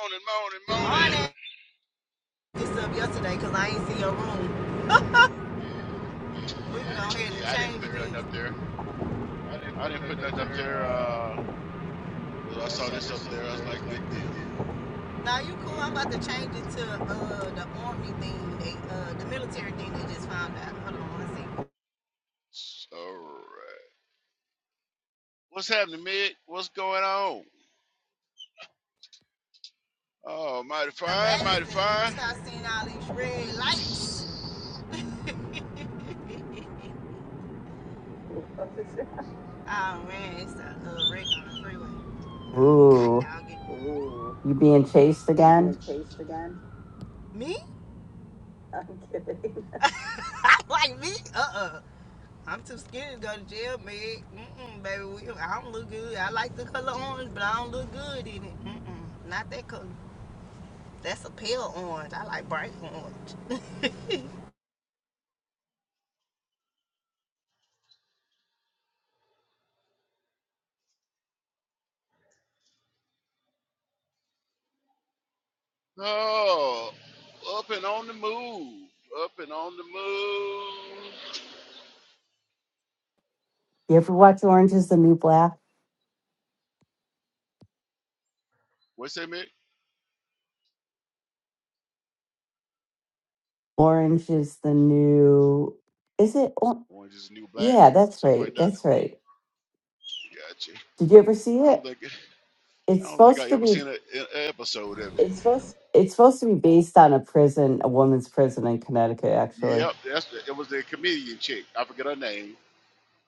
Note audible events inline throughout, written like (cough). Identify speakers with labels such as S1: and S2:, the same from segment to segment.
S1: Morning, morning,
S2: Morning.
S1: morning.
S2: this up yesterday because I ain't see your room.
S1: Yeah,
S2: We can go ahead and
S1: yeah. I didn't
S2: change
S1: put nothing
S2: this.
S1: up there.
S2: I I didn't
S1: I
S2: put
S1: didn't put
S2: up up
S1: nothing up there. Uh,
S2: there.
S1: I
S2: there
S1: saw
S2: saw
S1: this up
S2: this up
S1: there. I was
S2: there, I
S1: like,
S2: was
S1: good
S2: like
S1: deal.
S2: Now you cool.
S1: Good.
S2: I'm about to change it to uh the army thing, they, uh the military thing they just found out. Hold on one second.
S1: All right. What's happening, Mick? What's going on? Oh, mighty fine, mighty
S2: Amazing.
S1: fine.
S2: I seen all these red lights. (laughs) oh man, it's a uh, wreck on the freeway. God
S3: Ooh,
S2: dog it. Ooh,
S3: you being chased
S2: you being
S3: again?
S2: chased again? Me? (laughs) I'm kidding. (laughs) like me? Uh-uh. I'm too skinny to go to jail, man. Mm-mm, baby. We, I don't look good. I like the color orange, but I don't look good in it. Mm-mm. Not that color. That's a pale orange. I like bright orange. (laughs)
S1: Oh, up and on the move. Up and on the move.
S3: You ever watch Orange is the New Black?
S1: What's that, Mick?
S3: Orange is the new. Is it? Or-
S1: Orange is the new black,
S3: yeah, that's
S1: something
S3: right.
S1: like that.
S3: That's right.
S1: Gotcha.
S3: Did you ever see
S1: I
S3: it?
S1: don't think I
S3: It's
S1: don't think
S3: supposed
S1: I
S3: to
S1: ever
S3: be.
S1: seen a- an episode of it.
S2: It's supposed
S3: It's supposed to be based on a prison, a woman's prison in Connecticut. Actually,
S1: Yep, that's the, it was the comedian chick. I forget her name.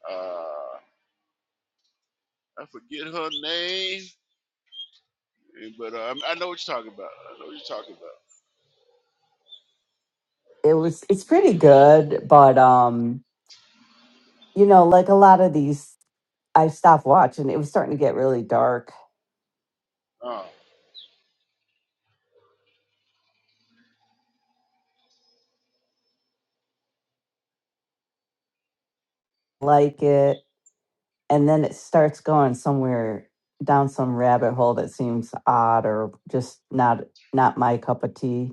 S1: Uh, I forget her name, eh, but uh, I know what you're talking about. I know what you're talking
S3: it was. It's pretty good, but um, you know, like a lot of these, I stopped watching. It was starting to get really dark.
S1: about. Uh,
S3: Like it. and then it starts going somewhere down some rabbit hole that seems odd or just not not my cup of tea.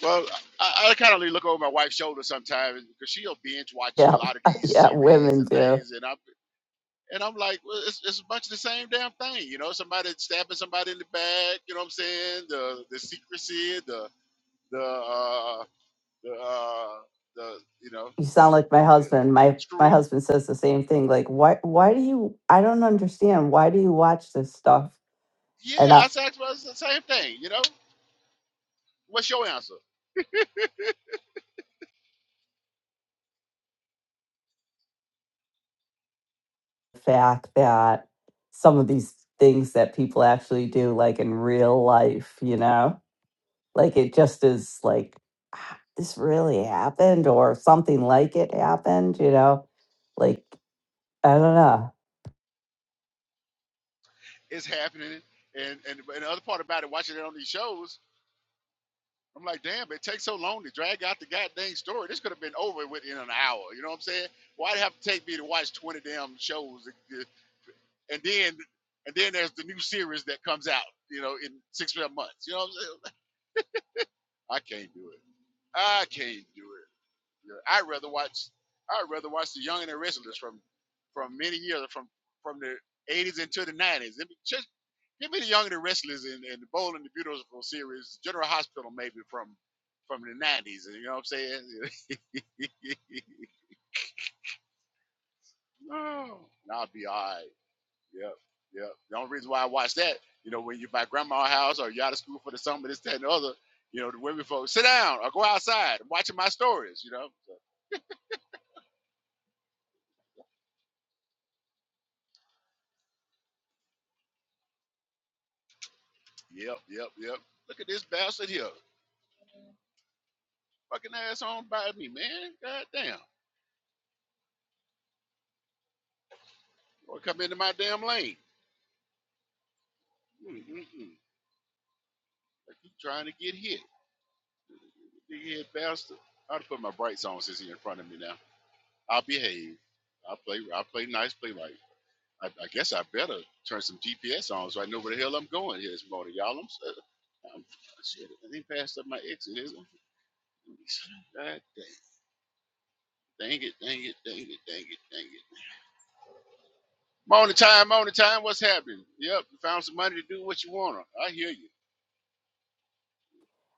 S1: well, I, I kind of look over my wife's shoulder sometimes because she'll binge watch a
S3: Yeah,
S1: lot of
S3: (laughs)
S1: these
S3: yeah,
S1: series
S3: women
S1: and
S3: do.
S1: things, and I'm and I'm like, well, it's, it's a bunch of the same damn thing, you know. Somebody stabbing somebody in the back, you know what I'm saying? The the secrecy, the the uh, the uh, the you know,
S3: You sound like my
S1: you know
S3: husband. My
S1: screw
S3: my husband says the same thing. Like, why why do you? I don't understand. Why do you watch this stuff? And
S1: Yeah, I
S3: not
S1: said asked myself the same thing. You know, what's your answer?
S3: the fact that some of these things that people actually do, like in real life, you know. Like it just is like, "Ah, this really happened or something like it happened, you know? Like, I don't know.
S1: It's happening, and and and the other part about it, watching it on these shows, I'm like, damn, it takes so long to drag out the goddamn story. This could have been over with in an hour. You know what I'm saying? Why would it have to take me to watch 20 damn shows? And and then and then there's the new series that comes out, you know, in six or seven months. You know what I'm saying? I can't do it. I can't do it. Yeah, I'd rather watch. I'd rather watch the Young and the Restless from from many years from from the 80s into the 90s. Let me- Just give me the Young and the Restless and, and the Bold and the Beautiful series, General Hospital maybe from from the 90s. You know what I'm saying? (laughs) oh, I'll be all right. Yep, yep. The only reason why I watch that, you know, when you are my grandma's house or you out of school for the summer, this, that, and the other. You know, the women folks sit down or go outside. I'm watching my stories. You know. So, yep, yep, yep. Look at this bastard here. Fucking ass on by me, man. God damn. Or come into my damn lane. Mm-mm-mm. I keep trying to get hit. big head bastard. I'll put my brights on since he's in front of me now. I'll behave. I'll play I'll play nice, play right. I, I guess I better turn some GPS on so I know where the hell I'm going here this morning, y'all. I'm, i shit. I didn't pass up my exit, is it? God damn. Dang it, dang it, dang it, dang it, dang it. Morning time, morning time. What's happening? Yep, you found some money to do what you want to. I hear you.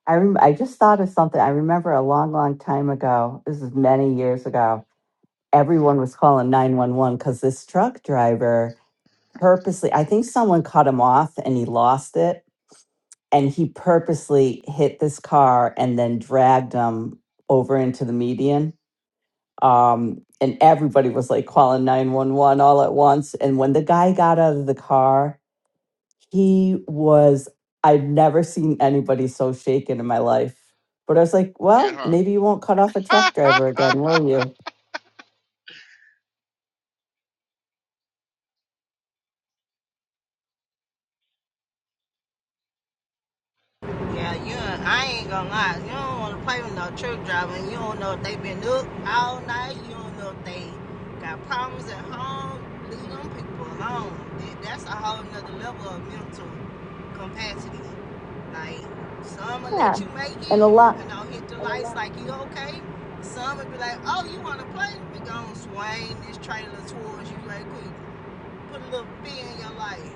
S3: I, rem- I just thought of something. I remember a long, long time ago, this is many years ago, everyone was calling 911 because this truck driver purposely, I think someone cut him off and he lost it. And he purposely hit this car and then dragged him over into the median um, and everybody was like calling 911 all at once. And when the guy got out of the car, he was, I've never seen anybody so shaken in my life. But I was like,
S1: And
S3: well,
S1: huh?
S3: maybe you won't cut off a truck
S1: (laughs)
S3: driver again, will you?
S2: Yeah, you I ain't gonna lie. You don't want to play with no truck driver. You don't know if they been up all night. You don't know if they got problems at home. Leave them people alone. That's a whole nother level of mental capacity. Like some will
S3: Yeah.
S2: let you make it
S3: And a lot,
S2: and you know hit the lights like you okay. Some will be like, oh, you want to play? We gonna swing this trailer towards you right quick. Put a little fear in your life.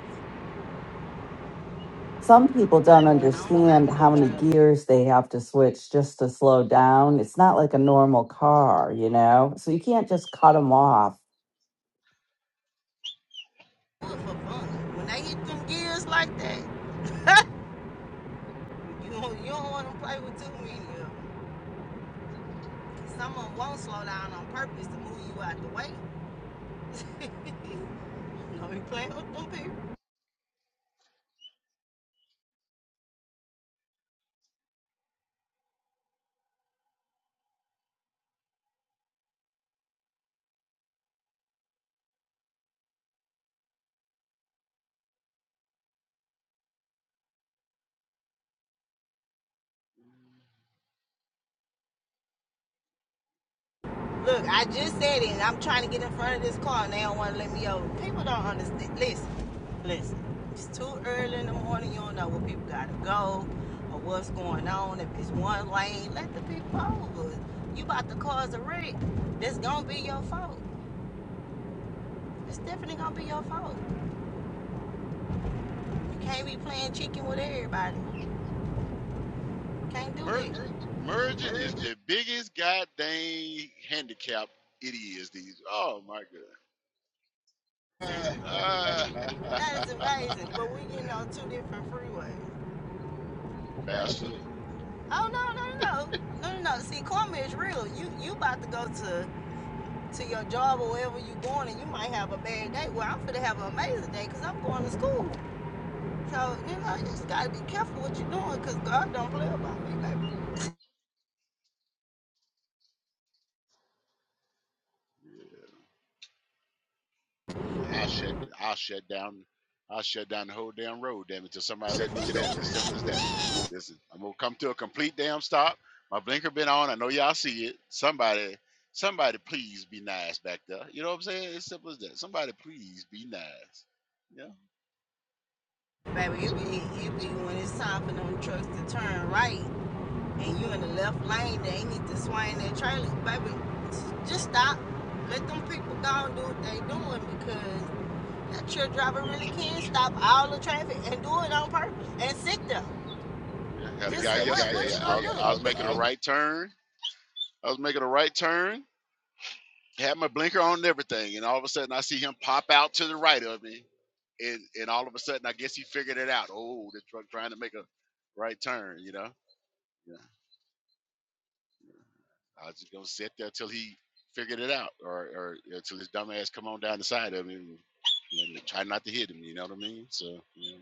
S3: some
S2: I
S3: people don't
S2: don't
S3: understand
S2: blame no
S3: how many
S2: truck
S3: gears they have to switch just to slow down. It's not like a normal car, you know? So you can't just cut them off.
S2: for fun. When they hit them gears like that, you don't, you don't want to play with too many of them. Some of them won't slow down on purpose to move you out the way. (laughs) don't be playing with them people. Look, I just said it. and I'm trying to get in front of this car and they don't want to let me over. People don't understand. Listen, listen. It's too early in the morning. You don't know where people got to go or what's going on. If it's one lane, let the people over. You about to cause a wreck. That's going to be your fault. It's definitely going to be your fault. You can't be playing chicken with everybody. Can't do
S1: Merge,
S2: that. (laughs)
S1: merging is the biggest goddamn handicap it is these. Oh my god,
S2: That is
S1: ah,
S2: amazing. But we getting on two different freeways.
S1: (laughs) bastard!
S2: Absolutely. Oh no no no no no no! no. See, karma is real. You you about to go to to your job or wherever you are going, and you might have a bad day. Well, I'm finna have an amazing day because I'm going to school. So you know, you
S1: See,
S2: just gotta be careful what you're doing because God don't play about me, baby.
S1: yeah.
S2: Ah, shit.
S1: I'll shut down. I'll shut down the whole damn road, damn it, till somebody let
S2: Simple
S1: me
S2: as
S1: get over. As simple as that.
S2: that. (laughs)
S1: Listen, I'm gonna come to a complete damn stop. My blinker been on. I know y'all see it. Somebody, somebody, please be nice back there. You know what I'm saying? As simple as that. Somebody, please be nice. Yeah.
S2: Baby, it be it be when it's time for them trucks to turn right, and you in the left lane, they need to swing their trailer, baby. Just stop. Let them people go and do what they doing because that truck driver really can stop all the traffic and do it on purpose and sit there.
S1: Yeah, had a
S2: Just
S1: guy
S2: say, What what
S1: yesterday.
S2: you
S1: I
S2: gonna
S1: was
S2: yesterday.
S1: I
S2: I
S1: was
S2: was, do?
S1: making
S2: I
S1: a
S2: was
S1: right turn. I was making a right turn. Had my blinker on and everything, and all of a sudden I see him pop out to the right of me, and and all of a sudden I guess he figured it out. Oh, the truck trying to make a right turn, you know. Yeah, I was just gonna sit there till he figured it out, or or until his dumb ass come on down the side of me, and, you know, try not to hit him. You know what I mean? So you know,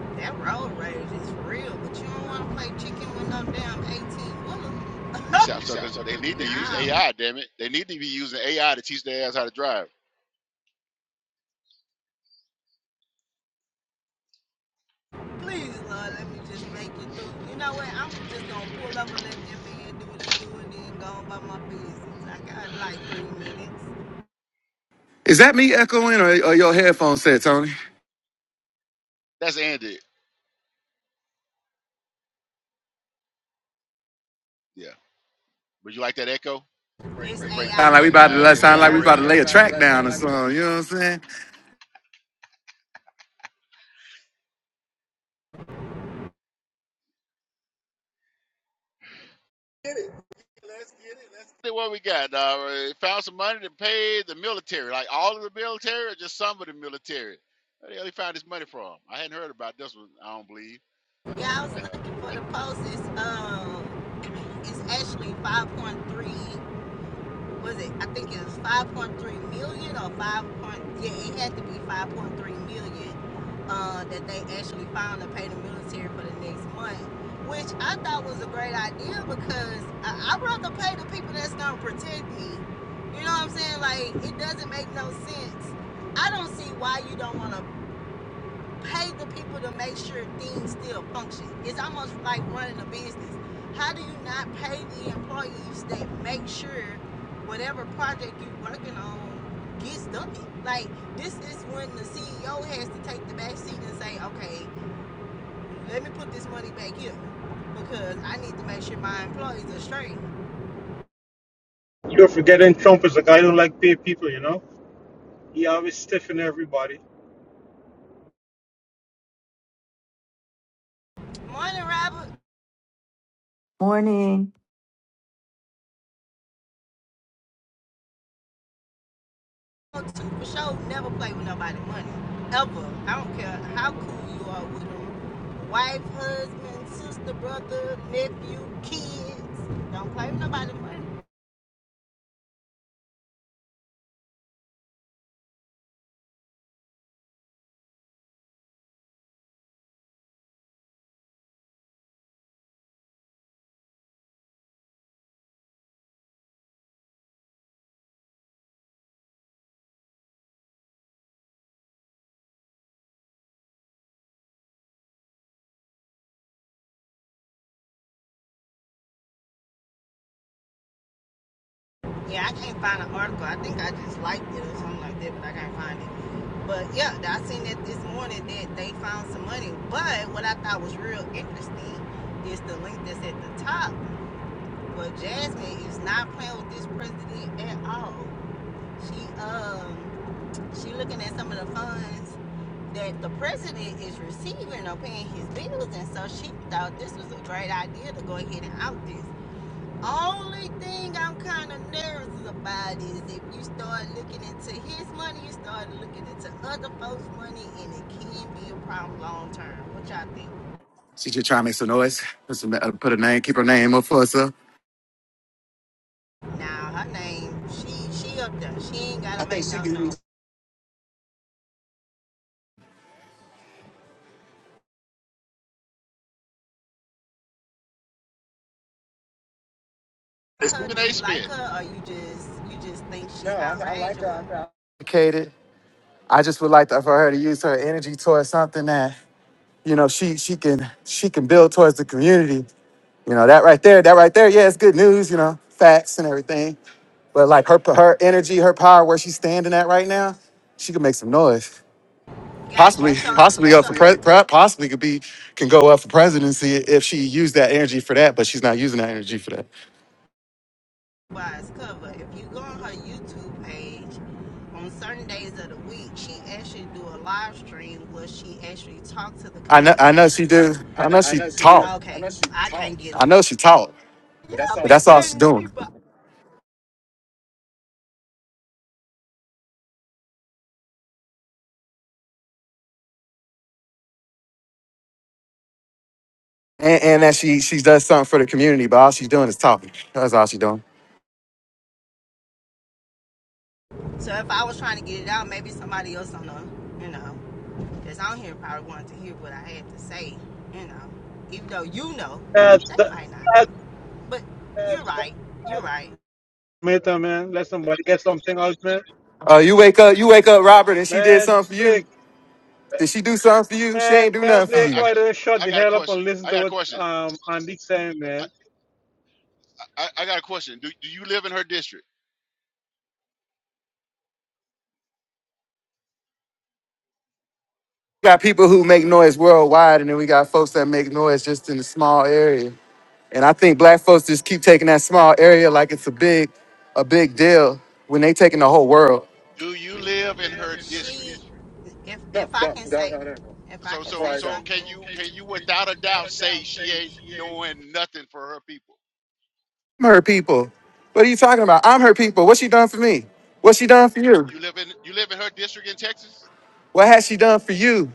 S2: (laughs) that road rage is real, but you don't want to play chicken with no damn eighteen wheeler.
S1: these sap
S2: he said, I'm
S1: suckers, they need to
S2: they need to
S1: use
S2: Nah, use
S1: AI. Damn it, they need to be using AI to teach their ass how to drive.
S2: please, Lord, let me just
S1: hmm
S2: make it through. You know what? I'm just gonna pull up and let that man do what he do, and then go on by my business. I got like three minutes.
S4: Is that me echoing or or your headphone set, Tony?
S1: That's Andy. Yeah. Would you like that echo?
S2: It's
S1: Yeah, break
S4: Sound
S1: break
S4: like we
S2: AI.
S1: one
S4: about
S1: nine.
S4: to
S1: It's
S2: It's
S1: the
S4: sound
S2: A
S4: like
S1: big
S4: we
S2: I. Sound like
S4: about
S2: sound
S4: to
S2: like we
S4: lay
S1: radio.
S4: a
S2: about to
S4: track
S2: that
S4: down
S2: sound
S4: or
S2: like we about
S4: something. You know what I'm saying?
S1: Get it. Let's get it. Let's get it. What we got? Uh, found some money to pay the military. Like all of the military or just some of the military? Where the hell he found this money from? I hadn't heard about this one, I don't believe.
S2: to. Yeah, I was
S1: Uh,
S2: looking for the post. It's um, it's actually five point three. Was it? I think it was five point three million or five Yeah, it had to be five point three million. Uh, that they actually found to pay the military for the next month, which I thought was a great idea because I, I'd rather pay the people that's gonna protect me. You know what I'm saying? Like it doesn't make no sense. I don't see why you don't want to pay the people to make sure things still function. It's almost like running a business. How do you not pay the employees that make sure whatever project you're working on gets done? Like this is when the CEO has to take the back seat and say, okay, let me put this money back here because I need to make sure my employees are straight.
S5: You're forgetting Trump is a guy who don't like pay people, you know? He always stiffing everybody.
S2: Morning, Robert.
S3: Morning. (laughs)
S2: to for sure never play with nobody money. Ever. I don't care how cool you are with them. Wife, husband, sister, brother, nephew, kids. Don't play with nobody money. Yeah, I can't find an article. I think I just liked it or something like that, but I can't find it. But yeah, I seen that this morning that they found some money. But what I thought was real interesting is the link that's at the top. But Jasmine is not playing with this president at all. She um She looking at some of the funds that the president is receiving or paying his bills, and so she thought this was a great idea to go ahead and out this. Only thing I'm kind of nervous about is if you start looking into his money, you start looking into other folks' money, and it can be a problem long term. What y'all think?
S4: She just trying to make some noise. Put, some, uh, put a name, keep her name up for herself.
S2: Now her name, she she up there. She ain't gotta I think make think she no can- song. Her,
S1: Stephen
S2: do
S1: A.
S2: you like
S1: Smith.
S2: her, or you just you just think she's No, outrageous? I, I like outrageous? her.
S4: Educated. I just would like to, for her to use her energy towards something that you know she she can she can build towards the community. You know that right there, that right there. Yeah, it's good news. You know facts and everything. But like her her energy, her power, where she's standing at right now, she can make some noise.
S2: I, I, Got you. I,
S4: possibly
S2: So Possibly, if you
S4: possibly up for
S2: possibly the
S4: pre-
S2: up.
S4: pre- possibly could be can go up for presidency if she used that energy for that, but she's not using that energy for that.
S2: Wise cover. If you go on her YouTube page, on certain days of the week, she actually do a live stream where she actually talks to the
S4: I know I
S2: community
S4: know she did.
S2: itself. I
S4: I
S2: know,
S4: know
S2: I
S4: she
S2: know she do.
S4: taught.
S2: I Okay, I, know she I can't get
S4: I
S2: them.
S4: know she taught,
S2: but that's Yeah, all
S4: but
S2: be she
S4: that's all she's doing.
S2: people.
S4: And, and that she she does something for the community, but all she's doing is talking. That's all she's doing.
S2: So if I was trying to get it out, maybe somebody else on the, you know, that's on here probably wanted to hear what I had to say. You know, even though you know,
S5: That's
S2: they
S5: the
S2: might not
S5: that's
S2: know. But Uh, you're right. You're right.
S5: matter, man. Let somebody get something else, man.
S4: Uh, you wake up, you wake up, Robert, and she did
S5: Man,
S4: something for you.
S5: Blake,
S4: Did she do something for you? She ain't
S5: man,
S4: do
S5: man,
S4: nothing for
S1: I got,
S5: Blake,
S4: you.
S1: I, got,
S5: why don't you shut
S1: I
S5: the
S1: got a
S5: hell up and
S1: question.
S5: listen
S1: I
S5: to
S1: got a
S5: what
S1: question.
S5: um Andy's saying,
S1: I,
S5: man?
S1: I, I got a question. Do, do you live in her district?
S4: We got people who make noise worldwide, and then we got folks that make noise just in a small area. And I think black folks just keep taking that small area like it's a big, a big deal when they taking the whole world.
S1: Do you
S2: Do you
S1: live in
S2: live in
S1: her
S2: her She,
S1: district?
S2: her district? if if No, I no, can no, say no, no, no. if I
S1: So
S2: can say
S1: so so
S2: something,
S1: can
S2: So
S1: you
S2: can you
S1: can you
S2: can you
S1: without a
S2: without
S1: doubt
S2: a
S1: say
S2: doubt
S1: she
S2: say
S1: ain't
S2: she ain't
S1: doing nothing for her people?
S4: I'm her people. What are you talking about? I'm her people. What she done for me? What she done for you?
S1: You live in you live in her district in Texas.
S4: What has she done for you?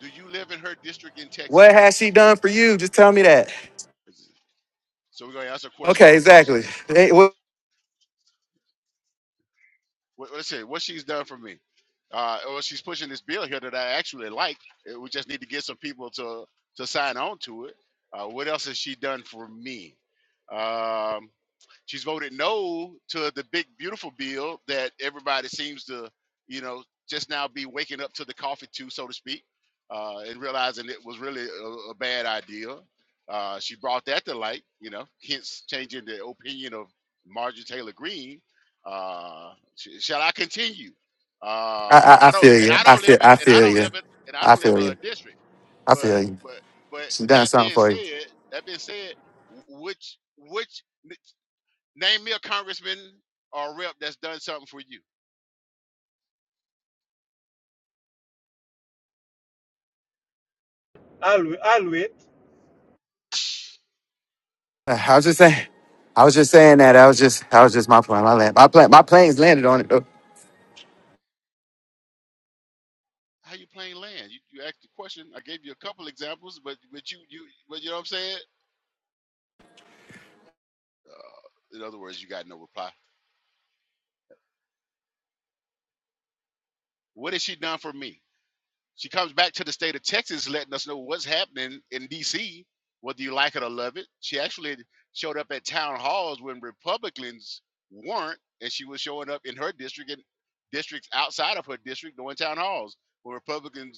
S1: Do you live in her district in
S4: What
S1: Texas?
S4: has she done for you? Just tell me
S1: It's a-
S4: that.
S1: it's a- so we're gonna ask a question
S4: Okay,
S1: with a
S4: exactly.
S1: question.
S4: Hey, wh-
S1: What, let's say what she's done for me. Uh, well, she's pushing this bill here that I actually like. Uh, We just need to get some people to to sign on to it. Uh, what else has she done for me? Um, She's voted no to the big beautiful bill that everybody seems to, you know, just now be waking up to the coffee to, so to speak, uh, and realizing it was really a, a bad idea. Uh, she brought that to light, you know, hence changing the opinion of Marjorie Taylor Greene. Uh, sh- shall I continue?
S4: I,
S1: Uh, and
S4: I, I
S1: I don't,
S4: feel
S1: and
S4: you.
S1: I
S4: I
S1: don't live
S4: feel.
S1: it,
S4: I
S1: and I
S4: feel
S1: don't
S4: you.
S1: live it, and I
S4: I
S1: don't live in
S4: feel
S1: her
S4: you.
S1: district.
S4: I
S1: But,
S4: feel you.
S1: but, but
S4: She done
S1: that
S4: something
S1: being
S4: for you.
S1: said, that being said, which, which Name me a congressman or a rep that's done something for you.
S5: I'll wai- I'll wait.
S4: I was just saying. I was just saying that. I was just. I was just my plan. My land. My plan. My plane's landed on it.
S1: How you playing land? You, you asked the question. I gave you a couple examples, but but you you but you know what I'm saying. Uh, in other words, you got no reply. What has she done for me? She comes back to the state of Texas, letting us know what's happening in D.C. Whether you like it or love it, she actually showed up at town halls when Republicans weren't, and she was showing up in her district and districts outside of her district, going town halls where Republicans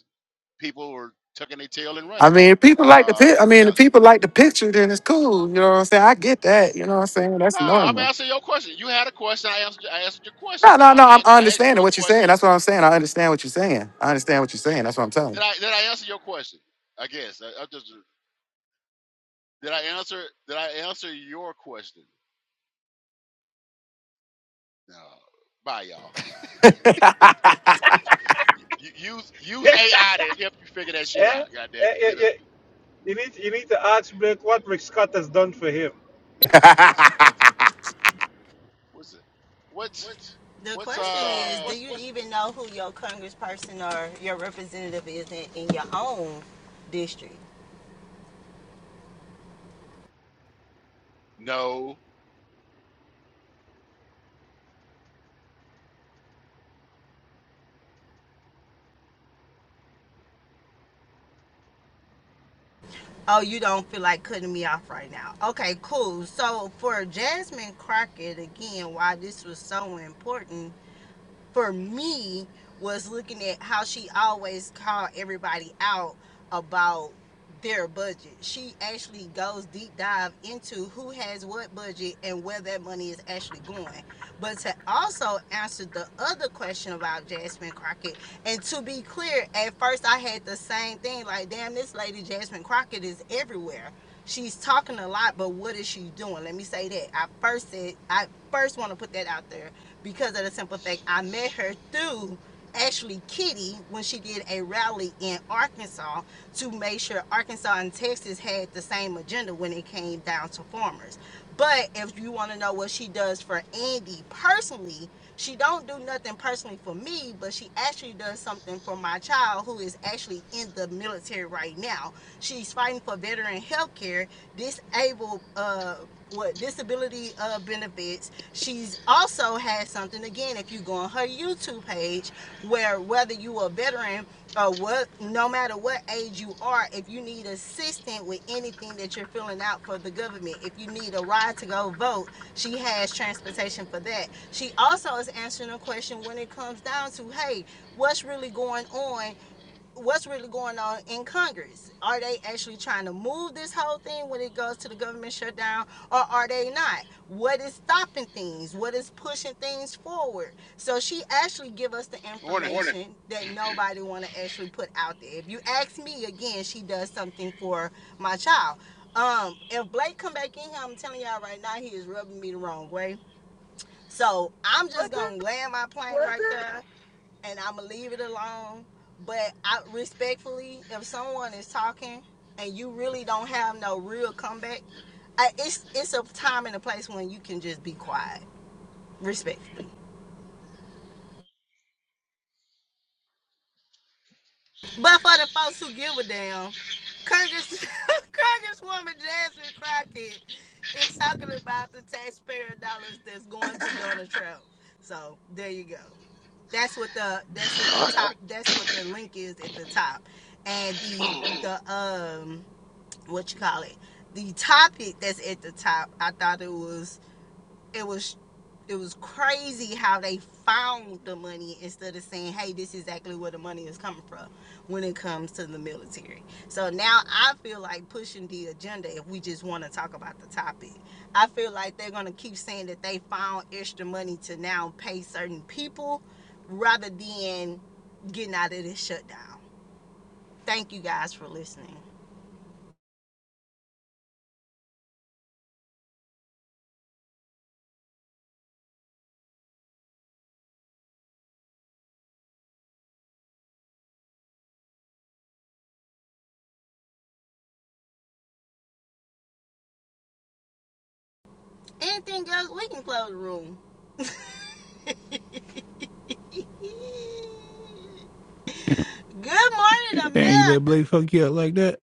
S1: people were tucking their tail and
S4: I
S1: running.
S4: mean, if people like the pic.
S1: Uh,
S4: I mean,
S1: shall,
S4: if people like the picture, then it's cool. You know what I'm saying? I get that. You know what I'm saying?
S1: no,
S4: That's
S1: I'm
S4: normal.
S1: answering your question. You had a question. I answered. I answered your question.
S4: No,
S1: Now
S4: no,
S1: I,
S4: no. I'm I
S1: asked- I asked you
S4: understanding
S1: a
S4: what you're saying.
S1: question.
S4: That's what I'm saying. I understand what you're saying. I understand what you're saying. That's what I'm telling.
S1: Did I did I answer your question? I guess. I, I just did I answer did I answer your question? No. Bye, y'all. (laughs)
S4: you. (laughs)
S1: You- you- use
S5: (laughs)
S1: use
S5: yeah,
S1: AI to help you figure that shit out.
S5: yeah,
S1: God damn it.
S5: yeah,
S1: You know.
S5: yeah. You need you need to ask Blake what Rick Scott has done for
S1: Is
S5: him.
S1: it? Is it? What's it? Is it? What's it? What's
S2: what's the
S1: what's
S2: question
S1: uh
S2: is, uh do
S1: what's
S2: you even know who your congressperson or your representative is in, in your own district?
S1: no
S2: Oh, you don't feel like cutting me off right now. Okay, cool. So for Jasmine Crockett again, why this was so important for me was looking at how she always called everybody out about their budget. She actually goes deep dive into who has what budget and where that money is actually going. But to also answer the other question about Jasmine Crockett, and to be clear, at first I had the same thing like, damn, this lady Jasmine Crockett is everywhere she's talking a lot, but what is she doing? Let me say that. I first said I first want to put that out there because of the simple fact I met her through actually Kitty when she did a rally in Arkansas to make sure Arkansas and Texas had the same agenda when it came down to farmers. But if you want to know what she does for Andy personally, she don't do nothing personally for me, but she actually does something for my child who is actually in the military right now. She's fighting for veteran health care, disabled uh what disability uh benefits. She's also had something again if you go on her YouTube page where whether you are a veteran uh, what no matter what age you are, if you need assistance with anything that you're filling out for the government, if you need a ride to go vote, she has transportation for that. She also is answering a question when it comes down to, hey, what's really going on what's really going on in Congress. Are they actually trying to move this whole thing when it goes to the government shutdown, or are they not? What is stopping things? What is pushing things forward? So she actually give us the information
S1: morning.
S2: Morning. that nobody want to actually put out there. If you ask me again, she does something for my child. Um, if Blake come back in here, I'm telling y'all right now, he is rubbing me the wrong way. So I'm just gonna land my plane right there, and I'm gonna leave it alone. But I respectfully, if someone is talking and you really don't have no real comeback, I, it's it's a time and a place when you can just be quiet, respectfully. But for the folks who give a damn, Congress (laughs) Congresswoman Jasmine Crockett is talking about the taxpayer dollars that's going to Donald Trump. So there you go. That's what the that's what the
S1: I
S2: top that's what the link is at the top. And the the um what you call it? The topic that's at the top, I thought it was it was it was crazy how they found the money instead of saying, hey, this is exactly where the money is coming from when it comes to the military. So now I feel like pushing the agenda if we just want to talk about the topic. I feel like they're going to keep saying that they found extra money to now pay certain people rather than getting out of this shutdown. Thank you guys for listening. Anything else? We can close the room. (laughs) Good morning,
S6: Damn, you let
S2: America.
S6: Blake fuck you up like that?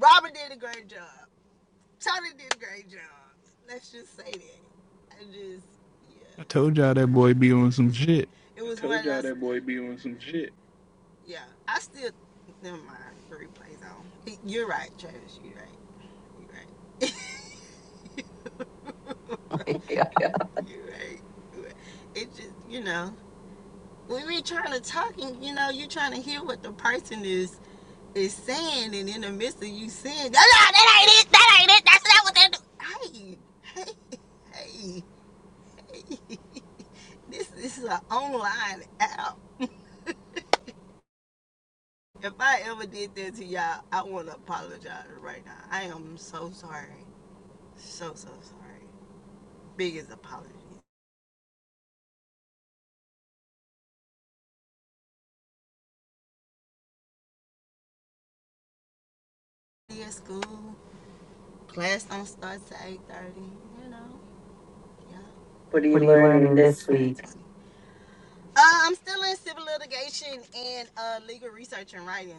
S2: Robert did a great job. Tony did a great job. Let's just say that. I just, yeah,
S6: I told y'all that boy be on
S2: yeah.
S6: some shit.
S2: It was one told of y'all those. that boy be on some shit. Yeah, I still. Never mind. The replay's on. You're right, Travis. You're right. You're right. (laughs) Oh my God. you're right. You're right. It just, you know, when we're trying to talk and you know, you're trying to hear what the person is is saying, and in the midst of you saying, no, no, that ain't it, that ain't it, that's not what they do. Hey, hey, hey, (laughs) this is an online app. (laughs) If I ever did that to y'all, I want to apologize right now. I am so sorry, so so sorry. Biggest apology. See At school class don't start till eight thirty. You know, yeah. What are
S3: What
S2: you
S3: are you
S2: learning
S3: learning
S2: this
S3: this
S2: week?
S3: week?
S2: Uh, I'm still in civil litigation and uh, legal research and writing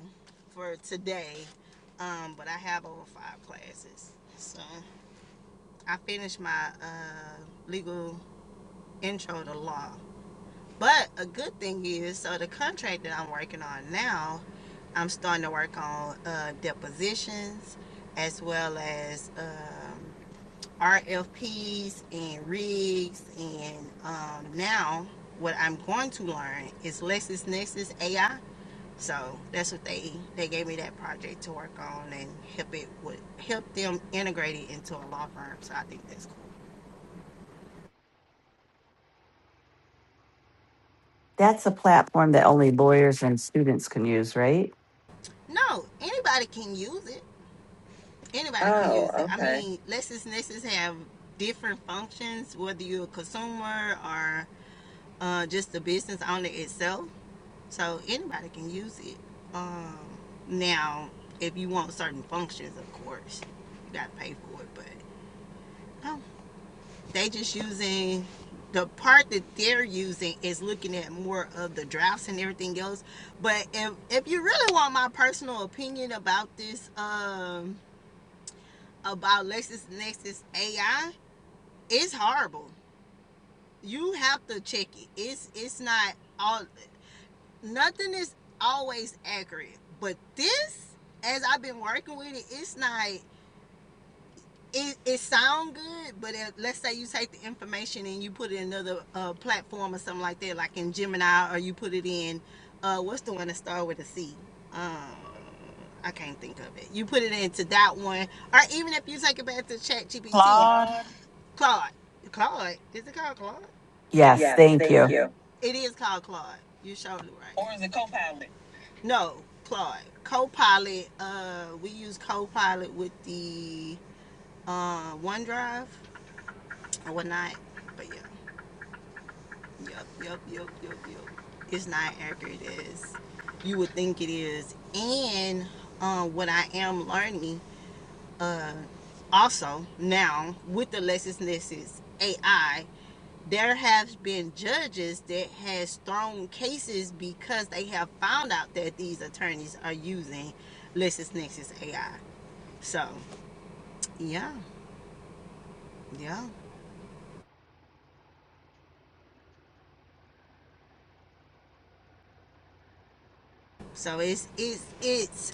S2: for today, um, but I have over five classes. So I finished my uh, legal intro to law. But a good thing is, so the contract that I'm working on now, I'm starting to work on uh, depositions as well as. Um, RFPs and rigs and um, now what I'm going to learn is LexisNexis AI. So that's what they they gave me that project to work on and help it with help them integrate it into a law firm. So I think that's cool.
S3: That's a platform that only lawyers and students can use, right?
S2: No, anybody can use it. Anybody can Oh, use Oh, it. I okay. mean, LexisNexis have different functions whether you're a consumer or uh, just the business owner itself. So anybody can use it. Um, now, if you want certain functions, of course, you got to pay for it. But no, they just using the part that they're using is looking at more of the drafts and everything else. But if if you really want my personal opinion about this, um, about LexisNexis AI, it's horrible. You have to check it. It's it's not all. nothing is always accurate, but this, as I've been working with it, it's not. It, it sound good, but if, let's say you take the information and you put it in another uh, platform or something like that, like in Gemini, or you put it in uh, what's the one that starts with a C? Um, I can't think of it. You put it into that one, or even if you take it back to Chat GPT,
S7: Claude,
S2: Claude? Claude, Claude, is it called Claude?
S3: Yes,
S2: Yes,
S3: thank
S2: thank
S3: you.
S2: you. It is called Claude. You are surely right. Or is it Copilot? No, Claude. Copilot. Uh, we use Copilot with the uh, OneDrive or whatnot. But yeah, yep, yep, yep, yep, yep. It's not accurate as you would think it is. And uh, what I am learning also now with the LexisNexis AI, there have been judges that has thrown cases because they have found out that these attorneys are using LexisNexis AI. So Yeah, yeah. So it's it's it's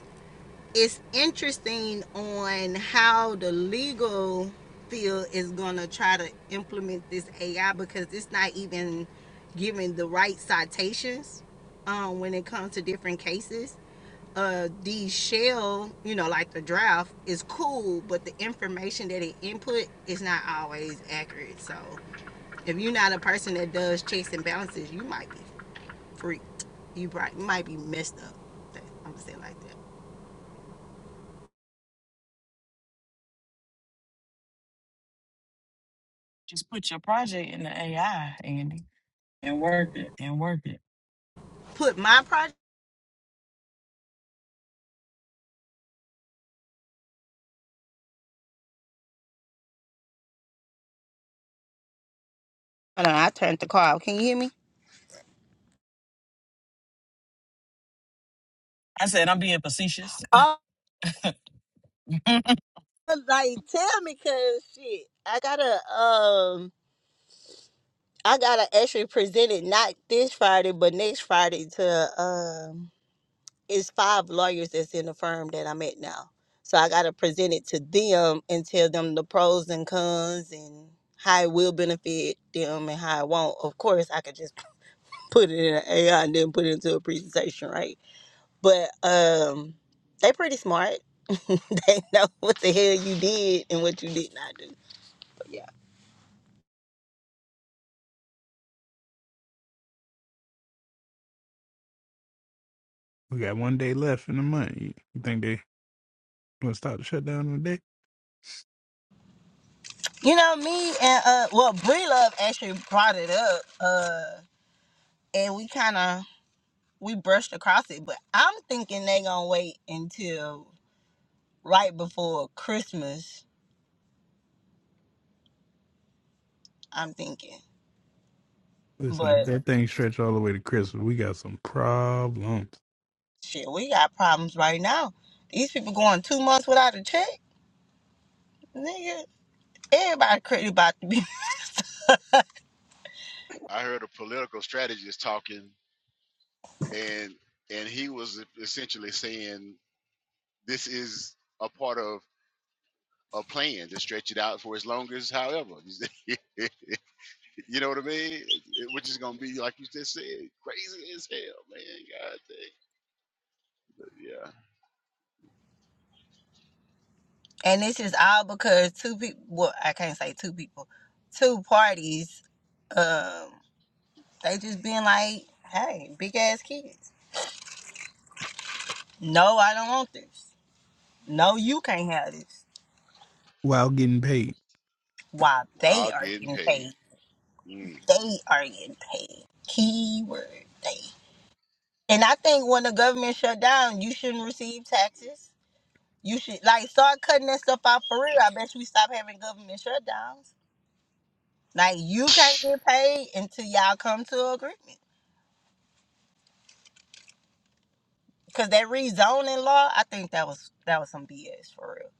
S2: it's interesting on how the legal field is gonna try to implement this AI because it's not even giving the right citations um, when it comes to different cases. Uh, the shell, you know, like the draft is cool, but the information that it input is not always accurate. So if you're not a person that does checks and balances, you might be. freak. You might be messed up. I'm gonna say it like that.
S7: just put your project in the AI, Andy, and work it.
S2: Put my project. Hold on, I turned the car. off. Can you hear me?
S7: I said I'm being facetious.
S2: Oh,
S7: (laughs) nah.
S2: like tell me, cause shit, I gotta um, I gotta actually present it not this Friday, but next Friday to um, it's five lawyers that's in the firm that I'm at now, so I gotta present it to them and tell them the pros and cons and how it will benefit them and how it won't. Of course, I could just put it in an AI and then put it into a presentation, right? But um, they pretty smart. (laughs) they know what the hell you did and what you did not do. So, yeah.
S6: We got one day left in the month. You you think they gonna stop the shutdown in a day?
S2: You know me and uh, well, Bree Love actually brought it up, uh, and we kind of we brushed across it. But I'm thinking they gonna wait until right before Christmas. I'm thinking,
S6: Listen, if
S2: but
S6: that thing stretch all the way to Christmas, we got some problems.
S2: shit, we got problems right now. These people going two months without a check, nigga. Everybody crazy about to be,
S1: heard a political strategist talking and and he was essentially saying this is a part of a plan to stretch it out for as long as however (laughs) you know what i mean which is gonna be like you just said crazy as hell man god dang. yeah
S2: (laughs) and this is all because two people. Well, I can't say two people, two parties. Um, they just being like, "Hey, big ass kids. No, I don't want this. No, you can't have this."
S6: While getting paid,
S2: While they
S1: while
S2: are
S1: getting
S2: getting
S1: paid
S2: paid,
S1: mm,
S2: they are getting paid. Keyword they. And I think when the government shut down, you shouldn't receive taxes. You should like start cutting that stuff out for real. I bet you we stop having government shutdowns. Like you can't get paid until y'all come to an agreement. Cause that rezoning law, I think that was that was some BS for real.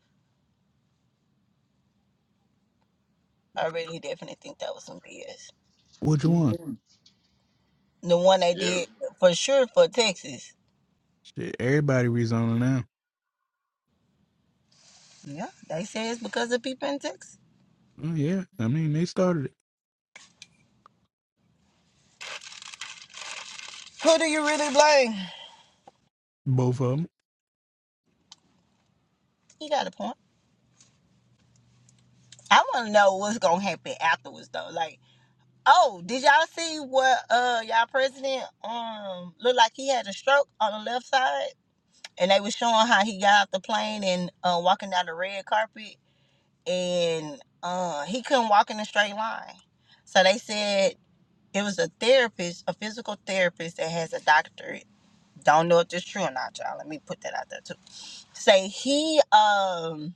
S2: I really definitely think that was some BS.
S6: which one?
S2: The one they
S1: yeah
S2: did for sure for Texas.
S6: Shit, everybody rezoning now.
S2: Yeah, they say it's because of people in Texas.
S6: Oh yeah, I mean they started it,
S2: Who do you really blame?
S6: both of them.
S2: You got a point. I want to know what's gonna happen afterwards though. Like, oh, did y'all see what uh y'all president um looked like he had a stroke on the left side, and they was showing how he got off the plane and uh, walking down the red carpet and uh, he couldn't walk in a straight line. So they said it was a therapist, a physical therapist that has a doctorate. Don't know if that's true or not, y'all. Let me put that out there too. Say he um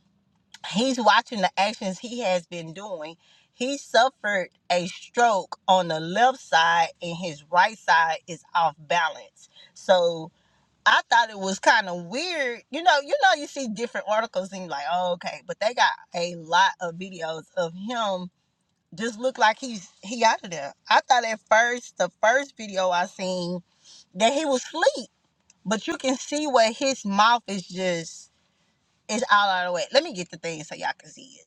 S2: he's watching the actions he has been doing. He suffered a stroke on the left side and his right side is off balance. So I thought it was kind of weird. You know, you know, you see different articles and you're like, oh, okay, but they got a lot of videos of him just look like he's he out of there. I thought at first the first video I seen that he was asleep, but you can see where his mouth is just it's all out of the way. Let me get the thing so y'all can see it.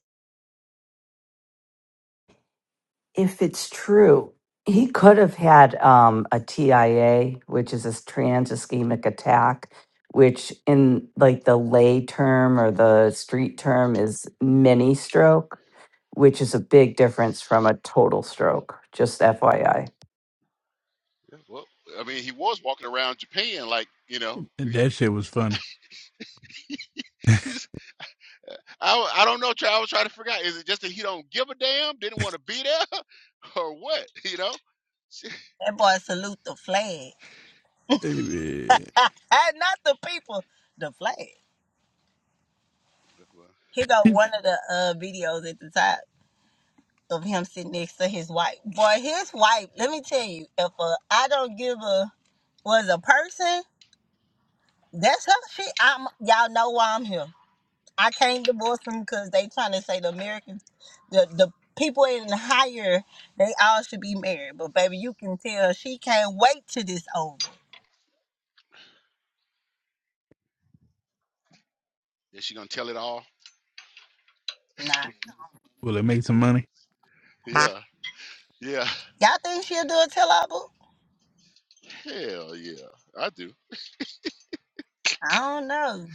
S3: If it's true, he could have had um, a TIA, which is a trans ischemic attack, which in like the lay term or the street term is mini stroke, which is a big difference from a total stroke. Just FYI.
S1: yeah, well, I mean, he was walking around Japan like you know.
S6: And that
S1: (laughs)
S6: shit was funny.
S1: I I don't know. Try I was trying to figure out. Is it just that he don't give a damn? Didn't want to be there, (laughs) or what? You know. (laughs)
S2: That boy salute the flag,
S6: (laughs) Will
S2: (laughs) not the people, the flag.
S1: Well,
S2: Here go one of the uh videos at the top. of him sitting next to his wife. Boy, his wife, let me tell you, if a I don't give a was a person, that's her shit. I'm y'all know why I'm here. I can't divorce them because they trying to say the Americans, the the people in the higher, they all should be married. But baby, you can tell she can't wait till this over.
S1: Is she gonna tell it all?
S2: Nah,
S6: it make some money?
S1: Yeah, yeah.
S2: y'all think she'll do a tell all book?
S1: Hell yeah, I do.
S2: I don't know.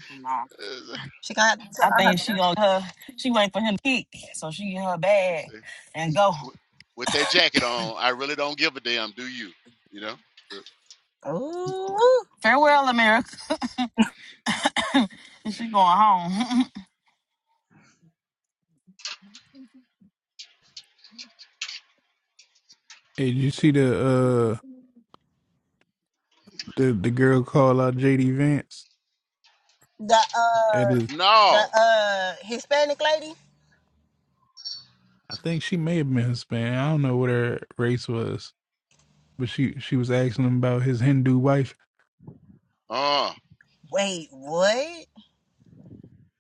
S1: Uh,
S2: She gonna have to
S7: I
S2: tell on
S7: think she
S2: herself.
S7: gonna her she wait for him to kick, so she get her
S1: let's
S7: bag
S1: see.
S7: and go.
S1: With with that jacket on, I really don't give a damn. Do you? You know? Uh,
S2: Ooh,
S7: Farewell, America. (laughs) and she going home.
S6: Hey, did you see the uh
S7: (laughs)
S6: the the girl call out JD Vance?
S2: the
S6: at
S2: uh,
S6: his?
S1: No.
S2: the uh Hispanic lady.
S6: I think she may have been Hispanic. I don't know what her race was, but she she was asking him about his Hindu wife.
S1: Uh.
S2: Wait, what?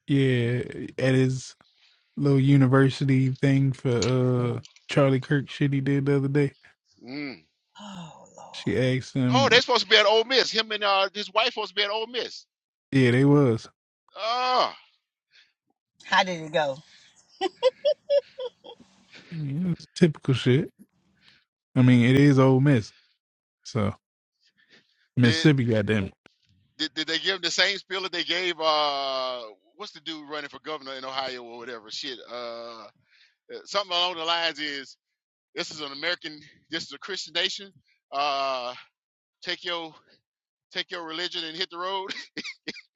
S6: Yeah, at his little university thing for uh Charlie Kirk shit he did the other day.
S1: Mm.
S2: Oh
S6: She
S2: Lord.
S6: asked
S1: Oh,
S6: him.
S1: they supposed to be at Ole Miss. Him and uh, his wife supposed to be at Ole Miss.
S6: Yeah, they was.
S1: Ah.
S2: How did it go?
S6: Yeah, it's typical shit. I mean, it is Ole Miss, so
S1: did,
S6: Mississippi, goddamn. it.
S1: did did they give him the same spiel that they gave uh what's the dude running for governor in Ohio or whatever? Shit. Uh, uh, something along the lines is this is an American, this is a Christian nation. Uh, take your take your religion and hit the road. (laughs)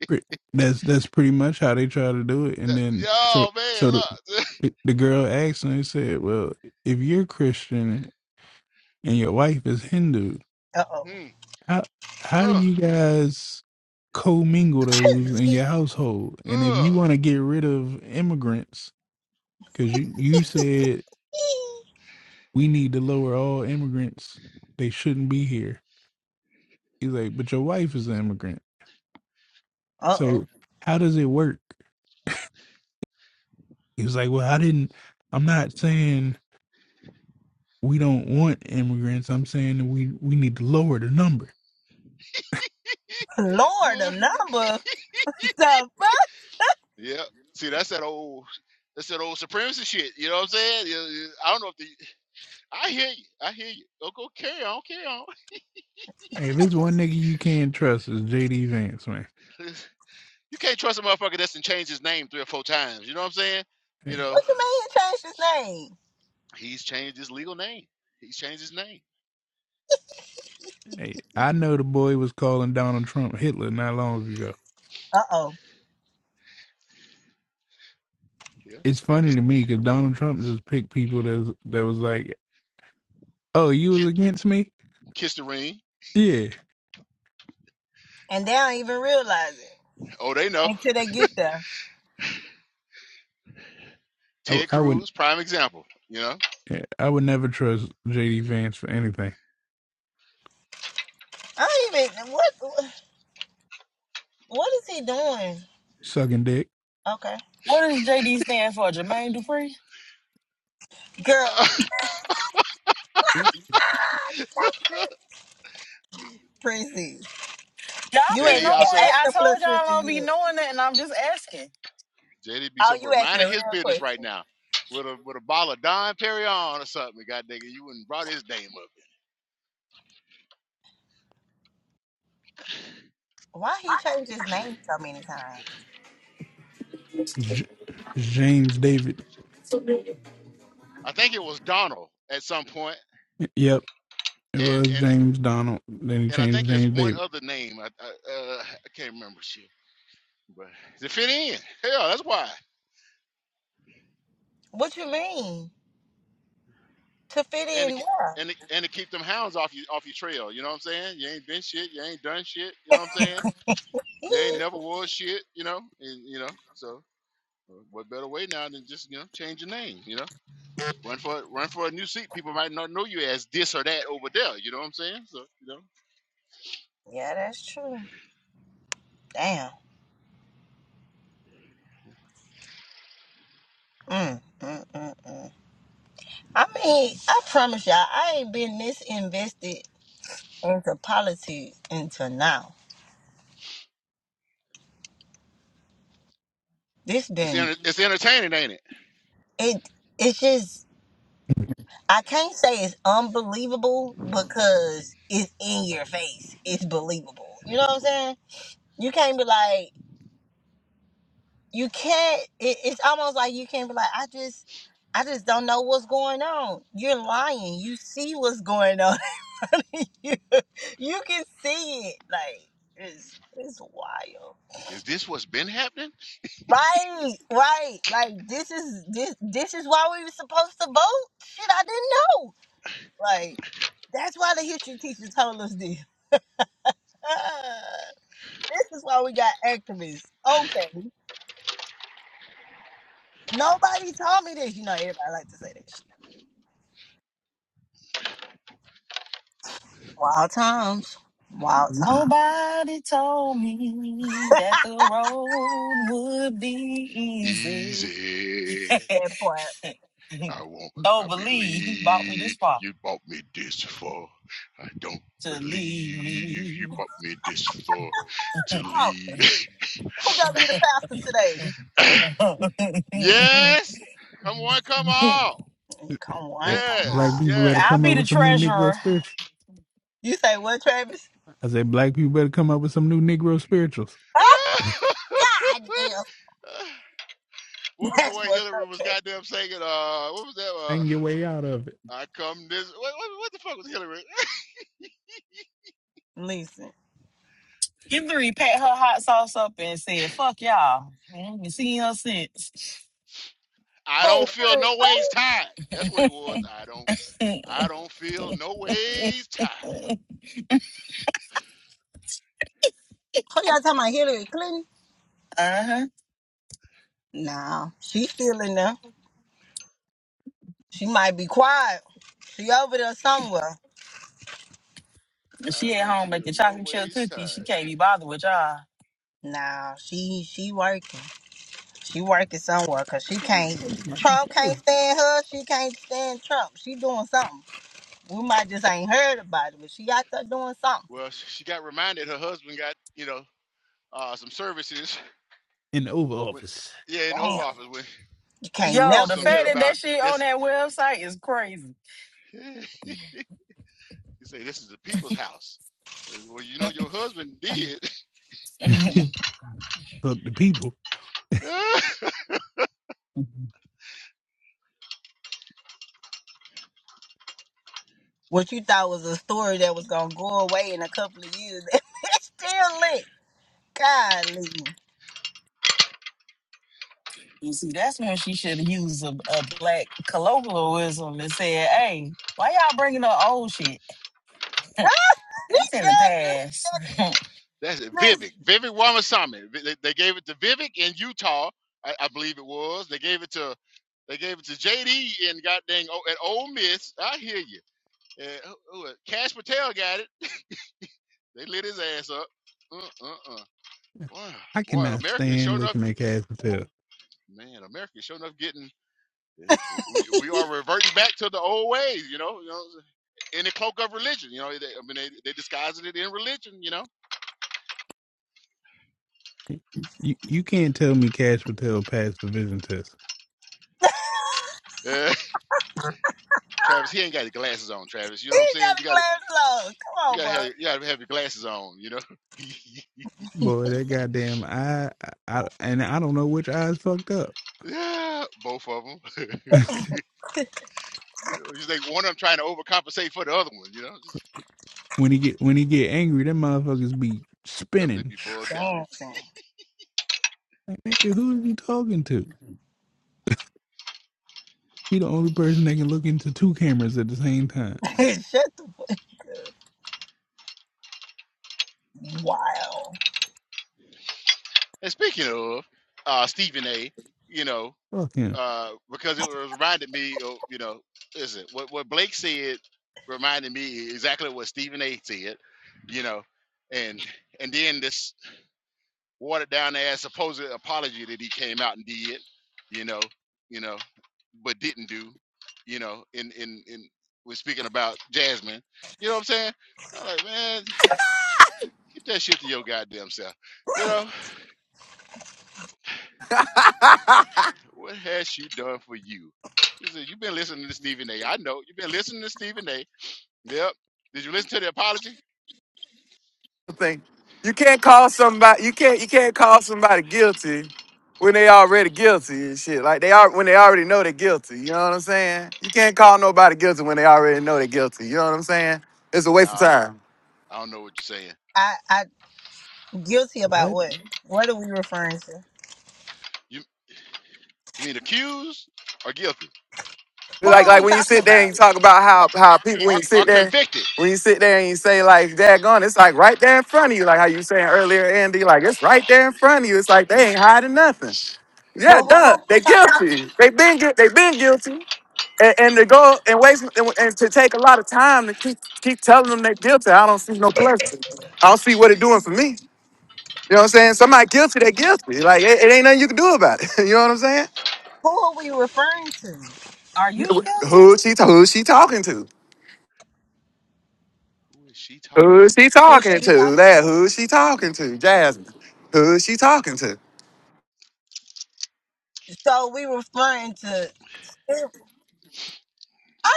S6: Pre- That's that's pretty much how they try to do it. And
S1: That-
S6: then so
S1: oh man,
S6: so
S1: look.
S6: the the girl asked him. He said, "Well, if you're Christian and your wife is Hindu."
S2: Uh
S1: (laughs)
S2: oh.
S1: mm,
S6: how how do
S1: uh,
S6: you guys commingle those in
S2: (laughs)
S6: your household? And if
S1: uh,
S6: you want to get rid of immigrants, because you you said we need to lower all immigrants, they shouldn't be here. He's like, but your wife is an immigrant,
S2: uh oh.
S6: so how does it work? He was like, well, I didn't. I'm not saying we don't want immigrants. I'm saying that we we need to lower the number.
S2: Lord,
S1: boy.
S2: a
S1: (laughs)
S2: number. (laughs) The fuck?
S1: Yeah. See, that's that old, that's that old supremacy shit. You know what I'm saying? You- you- I don't know if the, I hear you. I hear you. Go, go, carry on, carry on.
S6: Hey, if it's one nigga you can't trust, is JD Vance, man.
S1: (laughs) You can't trust a motherfucker that's done changed his name three or four times. You know what I'm saying? You
S6: Hey.
S1: know,
S2: What you mean he changed his name?
S1: he's changed his legal name. He's changed his name.
S6: Hey, I know the boy was calling Donald Trump Hitler not long ago.
S2: Uh oh.
S1: Yeah.
S6: It's funny
S1: Just
S6: to me because Donald Trump just picked people that was, that was like, "Oh, you was
S1: kiss,
S6: against me?
S1: kiss the ring.
S6: Yeah,
S2: And they don't even realize it
S1: Oh, they know.
S2: until they get there.
S6: I,
S1: Ted
S6: I would,
S1: Cruz, prime example. You know.
S6: I would never trust JD Vance for anything.
S2: I don't even what what is he doing?
S6: Sucking dick,
S2: Okay.
S7: what does JD stand for? Jermaine Dupree?
S1: (laughs)
S2: Girl,
S1: Uh,
S2: Prissy,
S7: Y'all
S2: you
S7: be
S2: ain't
S7: knowing.
S1: JD
S2: even
S1: also,
S2: ate
S7: I
S2: the plus
S7: told y'all I
S2: sister
S7: don't be
S2: yet.
S7: knowing that, and I'm just asking.
S1: JD be
S2: Oh, you
S1: somewhere
S2: asking a
S1: minding
S2: real
S1: his business right
S2: question.
S1: now with a with a bottle of Don Perignon or something. God dang it, you wouldn't brought his name up.
S2: Why he changed his name so many times?
S6: J- James David.
S1: I think it was Donald at some point,
S6: Yep, it
S1: and
S6: was
S1: and
S6: James Donald. Then he
S1: and I
S6: changed
S1: think
S6: to
S1: there's
S6: James
S1: one
S6: David.
S1: other name. I I, uh, I can't remember shit, but to fit in, hell, that's why.
S2: What you mean? To fit
S1: And to,
S2: in where?
S1: and to, and to keep them hounds off you off your trail. You know what I'm saying? You ain't been shit. You ain't done shit. You know what I'm saying? You
S2: Yeah.
S1: ain't never was shit. You know, and, you know so. uh, What better way now than just you know change your name? You know. Run for run for a new seat. People might not know you as this or that over there. You know what I'm saying? So you know,
S2: Yeah, that's true. Damn. Mm, mm, mm, mm. I mean, I promise y'all, I ain't been this invested into politics until now. This
S1: it's
S2: been
S1: enter- it's entertaining, ain't it?
S2: it. It's just I can't say it's unbelievable because it's in your face. It's believable. You know what I'm saying? You can't be like you can't. It, it's almost like you can't be like I just. I just don't know what's going on. You're lying. You see what's going (laughs) on. (laughs) telling you, you can see it. Like it's it's wild.
S1: Is this what's been happening?
S2: Right, right. Like this is this this is why we were supposed to vote. Shit, I didn't know. Like that's why the history teacher told us this. (laughs) Ah, this is why we got activists. Okay, nobody told me this. You know, everybody like to say that shit. Wild times, wild times.
S7: Nobody told me that the road would be easy.
S1: Easy.
S7: (laughs)
S2: That part.
S1: I won't. I
S7: Don't believe he bought me
S1: believe
S7: this far
S1: you bought me this for. I don't
S7: to leave
S1: believe you
S7: me.
S1: bought me this for
S7: (laughs)
S1: to
S2: Oh,
S1: leave.
S2: who gonna be the pastor today?
S1: (coughs) (laughs) yes. Come on. Come on.
S2: Come
S6: Like
S2: on, come
S6: black
S1: Yes.
S2: on.
S6: people better
S7: I'll
S1: Yes.
S6: come up
S7: be the
S6: with some new Negro
S7: treasurer.
S6: spirituals.
S2: You say what, Travis?
S6: I said black people better come up with some new Negro spirituals.
S2: (laughs) God damn,
S1: (laughs) What
S2: (laughs)
S1: was the
S2: that's
S1: one
S2: fucked up,
S1: Hillary was
S2: Kevin.
S1: goddamn singing? Uh, what was that? Uh,
S6: Hang your way out of it.
S1: I come this. What, what, what the fuck was Hillary?
S2: Listen,
S7: Kimberly packed her hot sauce up and said, fuck y'all. I haven't seen her since. (laughs)
S1: (laughs) I
S2: who
S1: don't feel
S2: Hillary
S1: no ways
S2: Clinton?
S1: tired. That's what it was. I don't.
S7: Mm,
S1: I don't feel no ways tired.
S2: Who y'all talking about Hillary Clinton?
S7: Uh-huh.
S2: Nah, she still in there. She might be quiet. She over there somewhere.
S1: I
S7: She at
S1: don't
S7: home
S1: feel
S7: making
S1: no
S7: chocolate chip
S1: ways
S7: cookies. She
S1: tired.
S7: can't be bothered with y'all.
S2: Nah, she she working. She working somewhere cause she can't. Trump
S6: Go
S2: can't stand her. She can't stand Trump. She doing something. We might just ain't heard about it, but she out there doing something.
S1: Well, she got reminded her husband got you know uh, some services
S6: in the Oval
S1: with
S6: Office.
S1: yeah in the Oval
S2: Damn,
S1: Office when
S2: you
S1: because she
S2: can't
S7: Yo,
S2: never
S7: the
S1: posted some
S2: live.
S7: fact
S1: shit
S7: that
S2: that.
S1: about
S7: that shit on
S1: this.
S7: that website is crazy.
S1: (laughs) you say this is the people's house. Uh, Well, you know your husband did.
S6: (laughs) Look, the people,
S1: (laughs)
S7: (laughs)
S2: What you thought was a story that was gonna go away in a couple of years, (laughs) it's still lit. Golly. This
S7: Well, see, that's where she should have used a, a black colloquialism and said, hey, why y'all bringing up old shit? That's in
S2: girl
S7: the
S2: should
S7: past.
S1: That's it.
S2: listen.
S1: Vivek. Vivek Ramaswamy. Vi- They, they gave it to Vivek in Utah, I, I believe it was. They gave it to they gave it to JD and got dang oh, at Ole Miss. I hear you. And who, who, Cash Patel got it. They lit his ass up. Uh uh uh. Boy,
S6: I
S1: boy,
S6: cannot
S1: America is sure
S6: stand
S1: enough.
S6: looking at Cash Patel.
S1: Man, America is sure enough getting. eh, We, we are reverting back to the old ways, you know. You know, in the cloak of religion, you know. They, I mean, they they disguising it in religion, you know.
S6: You you can't tell me Cash Patel passed the vision test.
S1: (laughs) Uh, Travis, he ain't got his glasses on. Travis, you know
S2: He
S1: what I'm saying?
S2: got
S1: You
S2: a
S1: got it.
S2: glass closed.
S1: You gotta have
S2: Come
S1: you gotta have your glasses on, you know. (laughs)
S6: Boy, that goddamn eye, I, I and I don't know which eye's fucked up.
S1: yeah, both of them. (laughs)
S6: (laughs)
S1: You know, it's like one of them trying to overcompensate for the other one, you know. Just,
S6: when he get when he get angry, that motherfuckers be
S1: them- they
S6: spinning.
S1: be bugged
S6: (sniffs)
S1: out.
S2: on,
S6: Like nigga, who is he talking to? He the only person that can look into two cameras at the same time.
S2: bro. Dancing. (laughs) Shut the fuck up. Wow.
S1: And speaking of uh, Stephen A, you know,
S6: Fuck him.
S1: uh, because it was reminded me of, you know, listen, what what Blake said reminded me exactly what Stephen A said, you know, and and then this watered down ass supposed apology that he came out and did, you know, you know, but didn't do, you know, in in in we're speaking about Jasmine. You know what I'm saying? I'm like, man, keep that shit to your goddamn self. You know, what has she done for you? He said, You've been listening to Stephen A. I know. You've been listening to Stephen A. Yep. Did you listen to the apology?
S4: Thing. You can't call somebody. You can't. You can't call somebody guilty when they already guilty and shit. Like they are when they already know they're guilty. You know what I'm saying? You can't call nobody guilty when they already know they're guilty. You know what I'm saying? It's a waste of
S1: No,
S4: time.
S1: I don't know what you're saying.
S2: I, I guilty about
S6: What?
S2: what? What are we referring to?
S1: You, you mean accused or guilty?
S2: Who
S4: Like
S2: are
S4: like
S2: we
S4: when you
S2: talking
S4: sit there and you
S2: about?
S4: talk about how how people when
S1: Or,
S4: you
S1: or
S4: sit there
S1: convicted?
S4: when you sit there and you say like daggone, it's like right there in front of you, like how you were saying earlier, Andy, like it's right there in front of you. It's like they ain't hiding nothing.
S2: But
S4: Yeah,
S2: who are
S4: duh,
S2: we
S4: they
S2: talk,
S4: guilty. They been gui- they been guilty. And, and to go and waste and, and to take a lot of time to keep keep telling them they're guilty, I don't see no pleasure. I don't see what it doing for me. You know what I'm saying? Somebody guilty, they guilty. Like it, it ain't nothing you can do about it. (laughs) you know what I'm saying?
S2: Who are we referring to?
S7: (laughs) Are you guilty?
S4: Who she who she talking to?
S1: Who is she talking
S4: Who is
S1: to?
S4: she
S2: Who
S4: talking
S2: she
S4: to?
S2: talking
S4: That
S2: to?
S4: who is she talking to? Jasmine. Who is she talking to?
S2: So we referring to. I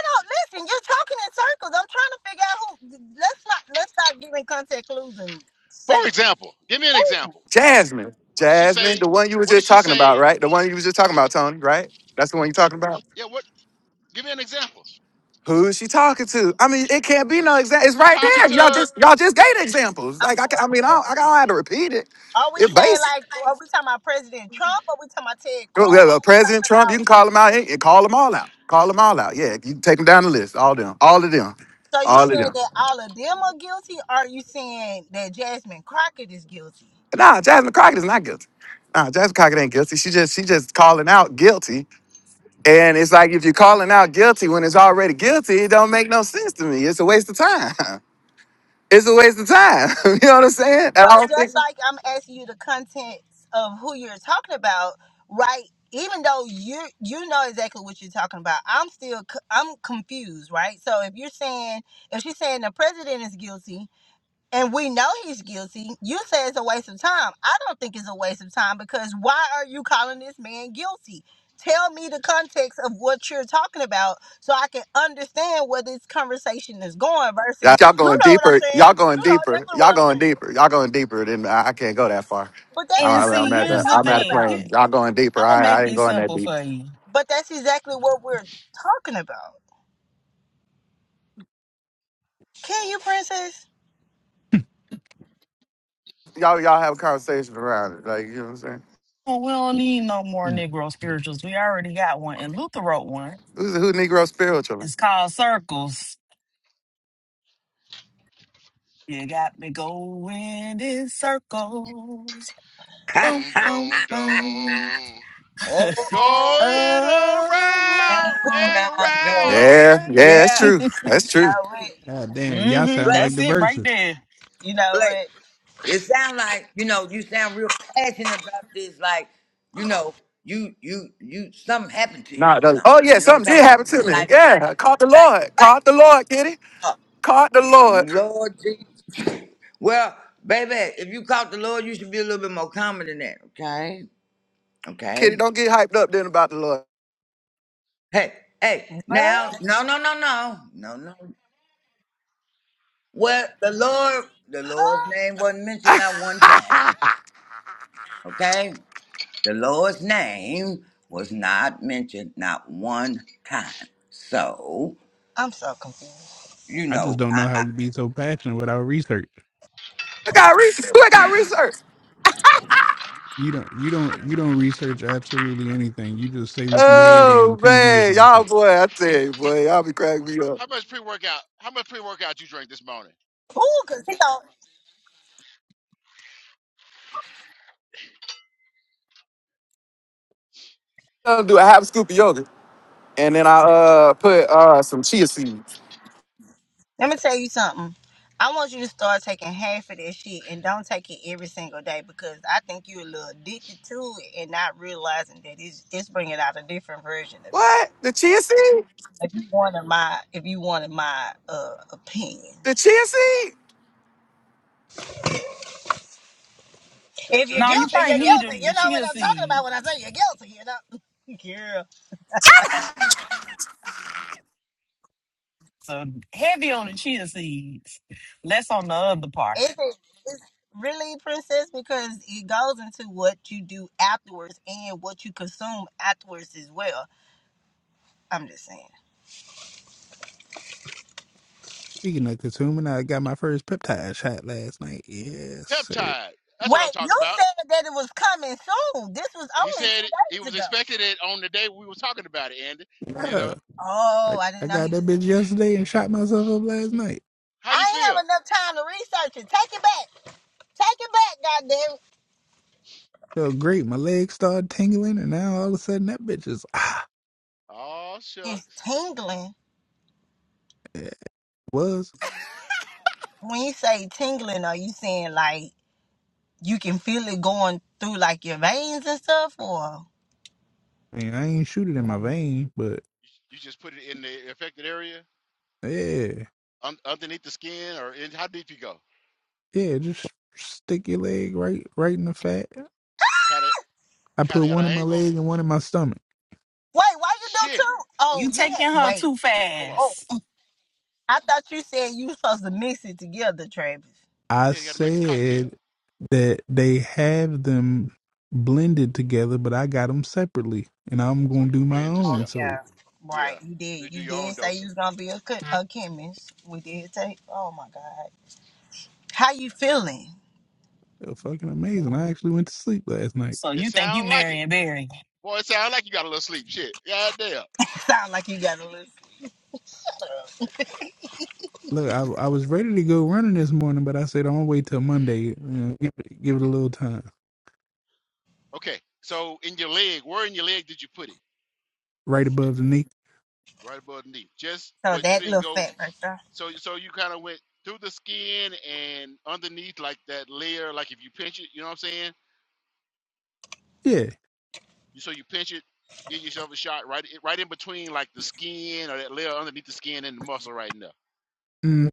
S2: don't listen. You're talking in circles. I'm trying to figure out who. Let's not. Let's not give me contact clues and
S1: For
S2: say
S1: example, give me an
S2: who.
S1: example.
S4: Jasmine.
S1: What did she say?
S4: Jasmine, the one you were
S1: What did
S4: just
S1: she
S4: talking about,
S1: say?
S4: right? The one you was just talking about, Tony, right? That's the one you're talking about.
S1: Yeah, what? Give me an example.
S4: Who is she talking to? I mean, it can't be no example. It's
S1: She
S4: right
S1: talking
S4: there. Y'all
S1: to
S4: just y'all just gave the examples.
S2: I'm
S4: Like I,
S2: sorry.
S4: ca- I mean, I don't, I don't have to repeat it.
S2: Are we
S4: It's
S1: she.
S2: saying
S4: basic.
S2: like are we talking about President Trump? Are we talking about Ted
S4: Well,
S2: Cruz?
S4: well, well,
S2: Are we
S4: President
S2: talking
S4: Trump, you
S2: about
S4: can call him out. You can call them all out. Call them all out. Yeah, you can take them down the list. All them. All of them.
S2: so you
S4: All of
S2: said
S4: them.
S2: that all of them are guilty? Or are you saying that Jasmine Crockett is guilty?
S4: Nah, Jasmine Crockett is not guilty. Nah, Jasmine Crockett ain't guilty. She just she just calling out guilty. And it's like if you're calling out guilty when it's already guilty, it don't make no sense to me. It's a waste of time. (laughs) It's a waste of time. (laughs) you know what I'm saying? And I
S2: But
S4: don't think
S2: just like I'm asking you the contents of who you're talking about, right? Even though you you know exactly what you're talking about, I'm still c- I'm confused, right? So if you're saying if she's saying the president is guilty, and we know he's guilty. You say it's a waste of time. I don't think it's a waste of time because why are you calling this man guilty? Tell me the context of what you're talking about so I can understand where this conversation is going
S4: y'all
S2: versus,
S4: y'all
S2: you
S4: going
S2: know what I'm
S4: deeper.
S2: saying?
S4: Y'all going
S2: You know
S4: deeper.
S2: exactly what
S4: Y'all
S2: I'm
S4: going
S2: saying.
S4: deeper. Y'all going deeper than I, I can't go that far.
S2: But that's what we
S7: And
S4: I, I- I'm
S7: see,
S4: at
S2: were just
S7: here's
S4: the
S6: Mm,
S7: the
S4: I'm at
S2: talking
S4: a
S7: thing.
S2: about.
S7: Here,
S4: plane. Y'all going deeper.
S7: I'm going to
S4: I,
S7: make
S4: I ain't
S7: it
S4: going that
S7: simple
S4: deep.
S7: for you.
S2: But that's exactly what we're talking about. Can you, princess?
S4: Y'all y'all have a conversation around it. Like you know what I'm saying?
S7: Well, we don't need no more
S6: mm,
S7: Negro
S6: mm.
S7: spirituals. We already got one. And Luther wrote one.
S4: Who's who Negro spiritual? man?
S7: It's called Circles. You got me going in circles. Boom,
S1: Don't
S7: boom,
S1: don't
S7: boom.
S1: don't.
S7: (laughs)
S8: Oh,
S1: Going
S7: mm-hmm.
S8: down
S1: around and
S8: I go.
S1: around.
S4: Yeah, yeah, that's
S8: Yeah,
S4: true. That's true.
S2: Oh, wait.
S6: God damn, y'all sound
S8: Blake,
S6: like
S7: That's
S6: the
S7: it right
S6: verses.
S7: there.
S2: You know
S8: Blake.
S2: what?
S8: It sound like you know you sound real passionate about this. Like you know you you you something happened to
S4: Nah,
S8: you
S4: it
S8: or
S4: doesn't.
S8: something.
S4: Oh yeah,
S8: You know what
S4: something
S8: I'm
S4: did
S8: talking about?
S4: happen to me.
S8: Like
S4: Yeah, I
S8: like
S4: caught the
S8: like
S4: Lord.
S8: like.
S4: Caught the Lord, Kitty.
S8: Uh,
S4: Caught the Lord.
S8: Lord Jesus. Well, baby, if you caught the Lord, you should be a little bit more common than that. Okay,
S4: Kitty,
S8: okay.
S4: don't get hyped up then about the Lord.
S8: Hey, hey. Now,
S2: What?
S8: no, no, no, no, no, no. Well, the Lord, the Lord's
S2: Huh?
S8: name wasn't
S4: (laughs)
S8: mentioned not one time.
S4: I
S8: Okay, the Lord's name was not mentioned not one time. So
S2: I'm so confused.
S8: you
S6: I just
S8: know,
S6: don't know
S8: I,
S6: how
S8: I
S6: you be so passionate without research.
S4: got research. I got research.
S6: You don't you don't you don't research absolutely anything. You just say what you heard on
S4: Oh
S6: TV or
S4: man,
S6: some
S4: y'all
S6: shit.
S4: boy, I tell you, boy, y'all be cracking me up.
S1: How much pre-workout? How much pre-workout you drink this morning?
S2: Ooh, cause he thought.
S4: I'll do a half scoop of yogurt, and then I uh put uh some chia seeds.
S2: Let me tell you something. I want you to start taking half of that shit and don't take it every single day because I think you're a little addicted to it and not realizing that it's it's bringing out a different version of you.
S4: What? The chia seed?
S2: If you wanted my, if you wanted my uh, opinion,
S4: The chia seed?
S1: Cha
S2: if
S1: cha
S2: you're
S7: Now
S1: cha
S7: you
S2: guilty,
S7: probably
S2: you're
S1: chia
S7: need the,
S2: guilty.
S7: the
S2: You know what
S7: chia
S2: I'm talking
S7: seed.
S2: about when I say you're guilty. You know, (laughs) girl.
S7: So heavy on the chia seeds, less on the other part.
S2: Is it? Is really princess because it goes into what you do afterwards and what you consume afterwards as well. I'm just saying.
S6: Speaking of consuming, I got my first peptide shot last night. Yes, sir.
S1: peptide. That's what I'm
S2: Wait, you
S1: talking about.
S2: said that it was coming soon. This was
S1: He
S2: only two
S1: said it- he
S2: days
S1: was
S2: ago.
S1: expecting it on the day we were talking about it, Andy. You
S6: Yeah.
S1: know
S2: Oh,
S6: I,
S2: I
S6: I
S2: didn't know
S6: got
S2: he was.
S6: that bitch yesterday and shot myself up last night.
S1: how
S2: I
S1: you
S2: ain't
S1: feel?
S2: have enough time to research it. Take it back. Take it back, goddamn.
S6: Felt great. My legs started tingling, and now all of a sudden that bitch is ah.
S1: Oh
S2: it. It's
S1: shucks.
S2: tingling.
S6: It was.
S2: When you say tingling, are you saying like you can feel it going through like your veins and stuff, or
S6: I mean, I ain't shoot it in my vein, but
S1: you just put it in the affected area.
S6: yeah,
S1: Un- underneath the skin or in, how deep you go?
S6: yeah. Just stick your leg right, right in the fat.
S1: Kind of,
S6: I
S1: kind
S6: put
S1: of at
S6: one in
S1: an
S6: my
S1: angle.
S6: leg and one in my stomach.
S2: wait, why you do
S1: Shit.
S2: two?
S7: You
S2: Oh, you had
S7: taking her
S2: wait.
S7: too
S1: Hold on.
S2: Oh,
S7: fast.
S2: I thought you said you was supposed to mix it together, Travis.
S6: I
S1: Yeah, you got to make the cocktail.
S6: said that they have them blended together, but I got them separately, and I'm
S1: So
S6: gonna do
S1: you
S6: my
S1: blend
S2: Oh
S6: own.
S1: yourself.
S6: So
S2: yeah, right.
S1: Yeah.
S2: You
S1: You
S2: did.
S1: do
S2: You
S1: your own
S2: did say you
S1: dosing.
S2: was gonna be a, co- a chemist. We did take. Oh my God. How you feeling?
S6: uh, fucking amazing! I actually went to sleep last night.
S7: So
S1: It
S7: you think you
S1: sound like it.
S7: marrying Barry?
S1: Boy, it sound like you got a little sleep. Shit. Yeah, damn.
S2: (laughs) Sound like you got a list.
S6: Look, I, I was ready to go running this morning, but I said I'm gonna wait till Monday. You know, give, it, give it a
S1: Yeah.
S6: little time.
S1: Okay. So in your leg, where in your leg did you put it?
S6: Right above the knee.
S1: Right above the knee. Just,
S2: So
S1: but you
S2: that
S1: didn't
S2: little
S1: go.
S2: fat right there.
S1: So, so you kind of went through the skin and underneath, like that layer. Like if you pinch it, you know what I'm saying?
S6: Yeah,
S1: You so you pinch it, give yourself a shot right right in between like the skin or that layer underneath the skin and the muscle right now.
S6: mm,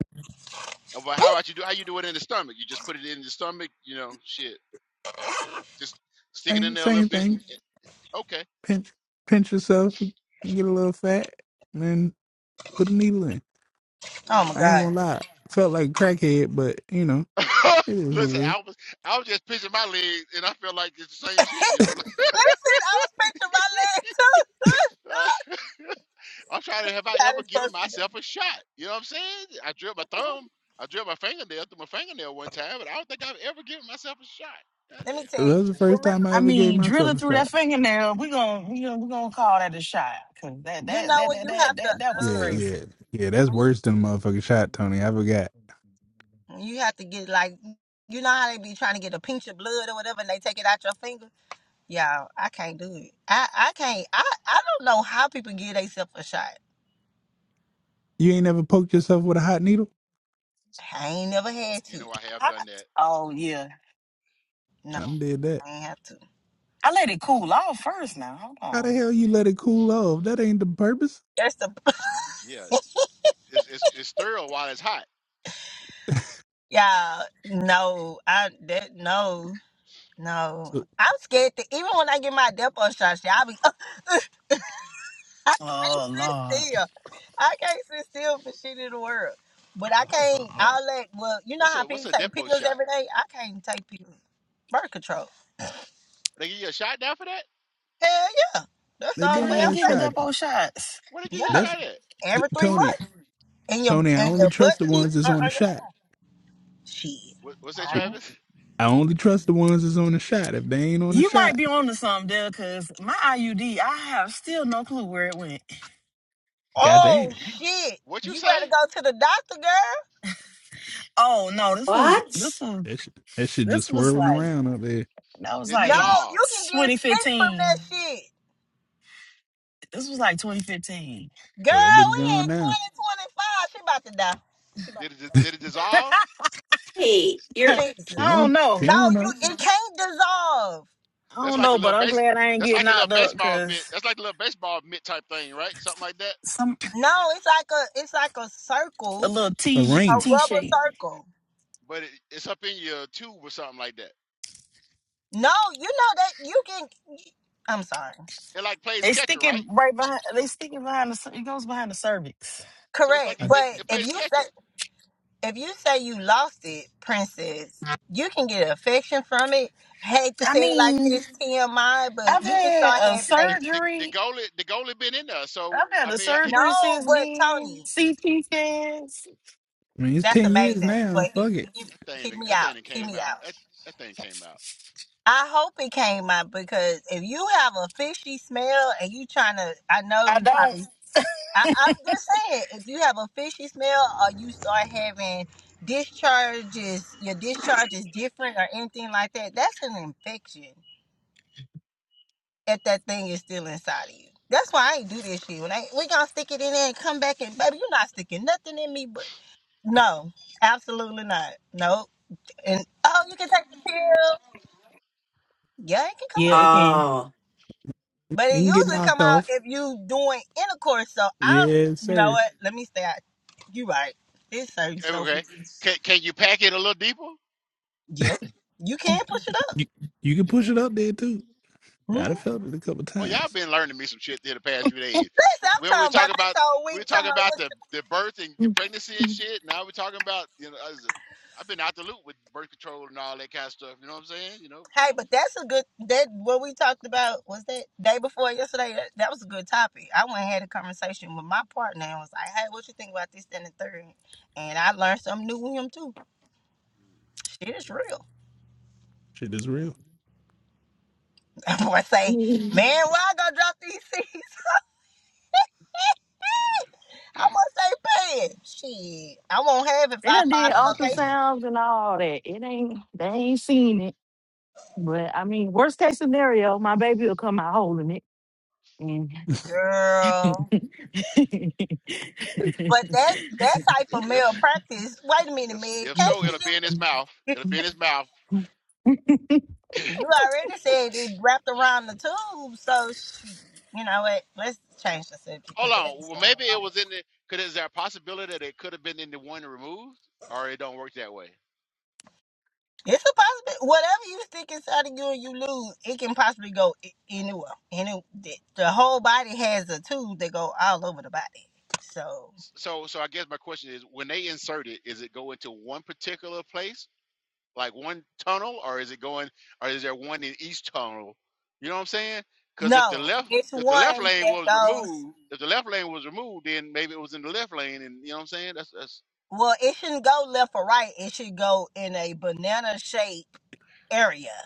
S1: Uh, But how about you do how you do it in the stomach? You just put it in the stomach, you know, shit. Just stick it in
S6: same
S1: there a
S6: same
S1: little bit
S6: thing.
S1: and okay.
S6: Pinch pinch yourself, get a little fat, and then put a needle in.
S2: Oh my
S1: Uh.
S6: I ain't
S2: God.
S6: gonna lie, felt like a crackhead, but you know
S1: (laughs)
S6: it is what it
S1: Listen,
S6: is.
S1: I was I was just pinching my legs and I feel like it's the same shit, you know.
S2: Listen, I was pinching my leg too. (laughs)
S1: (laughs) I'm trying to have I
S2: How
S1: ever
S2: this
S1: given
S2: supposed to go?
S1: myself a shot? You know what I'm saying? I drilled my thumb, I drilled my fingernail through my fingernail one time, but I don't think I've ever given myself a shot. God
S2: Let
S1: damn.
S2: me
S6: That
S2: tell you.
S6: was the first time
S2: Remember,
S6: I
S7: I
S6: ever gave
S7: mean, drill
S6: myself
S7: it
S6: a
S7: through that
S6: shot.
S7: fingernail. We gonna we gonna we gonna call that a shot. Cause that
S2: you
S7: that
S2: know
S7: that
S2: when
S7: that
S2: you
S7: that
S2: have to,
S7: that, that was
S6: Yeah,
S2: uh,
S7: crazy.
S6: yeah, yeah. That's
S2: when you,
S6: worse than a motherfucking shot, Tony. I forgot.
S2: when you have to get like, you know how they be trying to get a pinch of blood or whatever, and they take it out your finger. Y'all, I can't do it. I, I can't. I, I don't know how people give themselves a shot.
S6: You ain't ever poked yourself with a hot needle.
S2: I ain't never had
S1: You
S2: to.
S1: know I have
S7: I-
S1: done that
S7: oh yeah,
S2: No,
S6: I done did that.
S2: I ain't have to.
S7: I let it cool off first. Now hold
S6: How the
S7: on.
S6: hell you let it cool off? That ain't the purpose.
S2: That's the (laughs)
S1: Yeah, it's it's, it's sterile while it's hot.
S2: y'all. No, I that no,
S6: So
S2: no. I'm scared to even when I get my depot shot, shit, I be (laughs) I can't
S7: Oh
S2: sit
S7: lord.
S2: still. I can't sit still for shit in the world. But I can't. I'll let. Well, you know
S1: What's
S2: how
S1: a what's
S2: people
S1: a
S2: take
S1: depot
S2: pills
S1: shot?
S2: every day. I can't take pills. Birth control.
S1: They give you a shot now for that?
S2: Hell yeah. That's the
S6: they
S7: They
S2: only
S1: Where
S6: been
S2: way
S7: did
S1: at?
S2: I'm
S6: had
S7: give me
S2: taking.
S6: shot.
S2: it.
S7: Depo shots.
S1: Where they give you a
S6: That's
S2: Yeah,
S1: shot at?
S6: t-
S2: every three
S6: Tony.
S2: months, and your
S6: Tony, I
S2: and
S6: only
S2: your butt
S6: trust the
S2: cheek.
S6: ones that's
S2: Uh,
S6: on the shot.
S2: shit.
S1: What, what's that,
S6: You-
S1: Travis? (laughs)
S6: I only trust the ones that's on the shot. If they ain't on the
S7: You
S6: shot,
S7: might be onto something, Dale, because my IUD, I have still no clue where it went.
S2: Oh
S6: goddamn,
S2: shit!
S1: What you
S2: You
S1: say?
S2: better go to the doctor, girl.
S7: Oh no, this was this
S3: What?
S7: was
S6: that shit, that shit just
S7: this was
S6: swirling
S7: like
S6: around up there.
S7: that was
S1: It
S2: No,
S7: like
S1: dissolved.
S2: you can get sick from that
S7: 2015.
S2: shit,
S7: This was like 2015.
S2: girl.
S6: So that bitch
S2: We in
S6: gone now.
S2: twenty twenty five. She about to die. She about
S1: Did it
S2: to
S1: did it dissolve?
S3: Hey, you're.
S2: die. Jesus.
S6: She
S7: I don't
S6: don't. She
S7: know.
S2: No,
S6: don't know.
S2: you it can't dissolve.
S7: I
S1: That's
S7: don't
S1: like the
S7: know,
S1: little
S7: but I'm
S1: base.
S7: glad I ain't
S1: That's
S7: get
S1: like the little
S7: knocked up
S1: baseball mitt.
S7: because
S1: That's like the little baseball mitt type thing, right? Something like that.
S7: some
S2: No, it's like a it's like a
S7: a
S2: circle,
S7: little
S6: A
S7: T
S2: a
S6: ring.
S7: T
S2: rubber
S7: shape.
S2: circle.
S1: But it, it's up in your tube or something like that.
S2: No, you know that you can. I'm sorry.
S1: It like plays
S7: They
S1: catcher,
S7: stick it
S1: right?
S7: right behind. They stick it behind the. It goes behind the cervix.
S1: So it's
S2: Correct,
S1: like
S6: I,
S1: it,
S6: I
S1: it,
S2: but
S1: it
S2: if
S1: plays
S2: you
S1: catcher.
S2: say if you say you lost it, princess, you can get affection from it. Hate to
S7: I
S2: say it like
S7: mean,
S2: this, TMI,
S1: I
S2: but
S1: don't
S7: I've
S2: you
S1: know.
S2: can
S7: had
S2: start
S7: a
S2: having
S1: The the
S2: a
S1: the, the
S7: surgery
S1: goalie the goalie been in there, so
S7: I've
S1: I
S7: had a
S1: mean, it,
S7: surgery
S2: no.
S7: since
S2: But
S7: then.
S2: Tony,
S7: CT scans.
S6: mean, it's
S2: that's
S6: ten years
S2: amazing.
S6: now.
S2: But he,
S6: Fuck it.
S2: he,
S1: That thing,
S2: hear me
S1: that
S2: out.
S1: thing that
S2: Hear
S1: came
S2: me
S1: out.
S2: out.
S1: That that thing came out.
S2: I hope it came out because if you have a fishy smell and you trying to, I know
S7: I
S2: you
S7: don't.
S2: probably. I, I'm just saying, if you have a fishy smell or you start having discharges, your discharge is different or anything like that, that's an infection if that thing is still inside of you. That's why I ain't do this shit. When I we gonna stick it in there and come back and baby, you're not sticking nothing in me. But no, absolutely not. Nope. And oh, you can take the pill. Yeah, it can come
S7: Yeah,
S2: out,
S7: it can.
S2: but
S6: It
S2: it
S6: can get
S2: usually come
S6: knocked
S2: out
S6: off.
S2: if you doing intercourse. So I,
S6: Yes,
S2: you know
S6: sir.
S2: what? Let me stay out. You right. It's certain so
S1: Okay, can can you pack it a little deeper?
S2: yeah, you can push it up.
S6: You you can push it up there too.
S2: Hmm.
S6: I'd have felt it a couple
S1: Well, y'all
S6: times.
S1: been learning me some shit here the past few days.
S2: Listen, I'm
S1: When we
S2: talking about
S1: talk
S2: this
S1: about
S2: whole
S1: we were
S2: week. Talking
S1: talking
S2: about
S1: about
S2: what
S1: the the birth and the
S7: Mm.
S1: pregnancy and
S7: Mm.
S1: shit. Now we're talking about you know I was- I've been out the loop with birth control and all that kind of stuff. You know what I'm saying? You know, you
S2: Hey,
S1: know
S2: but that's a good that what we talked about was that day before yesterday. That, that was a good topic. I went and had a conversation with my partner and was like, "Hey, what you think about this that, and the third? And I learned something new with him too. Shit is real.
S6: Shit is real.
S2: (laughs) That boy
S7: I
S2: say,
S7: mean,
S2: "Man, where I go drop these (laughs) seeds? I must stay paying. Shit, I won't have if
S7: they
S2: I
S7: done did
S2: find a location,
S7: ultrasounds and all that. It ain't. They ain't seen it. But I mean, worst case scenario, my baby will come out holding it. And
S2: girl." But that's that type of male
S1: if
S2: practice. Wait a minute,
S1: if
S2: man.
S1: if
S2: Can't
S1: so,
S7: (laughs)
S2: she
S1: it'll
S2: just
S1: be in his mouth. It'll be in his mouth. (clears throat) (laughs)
S2: You already said it wrapped around the tube, so she, you know what? Let's change the subject because
S1: Hold
S2: that
S1: on.
S2: is
S1: Well,
S2: going
S1: maybe it
S2: on.
S1: was in the. Could is there a possibility that it could have been in the one removed, or it don't work that way?
S2: It's a possibility. Whatever you stick inside of you and you lose, it can possibly go i- anywhere. Any the, the whole body has a tube that go all over the body. So
S1: So, so I guess my question is, when they insert it, is it go into one particular place, like one tunnel, or is it going, or is there one in each tunnel? You know what I'm saying? Because if the
S2: no,
S1: left,
S2: it's
S1: if the left
S2: one
S1: lane
S2: that
S1: was
S2: goes.
S1: removed, if the left lane was removed, then maybe it was in the left lane, and you know what I'm saying? That's that's
S2: Well, it shouldn't go left or right. It should go in a banana shape area.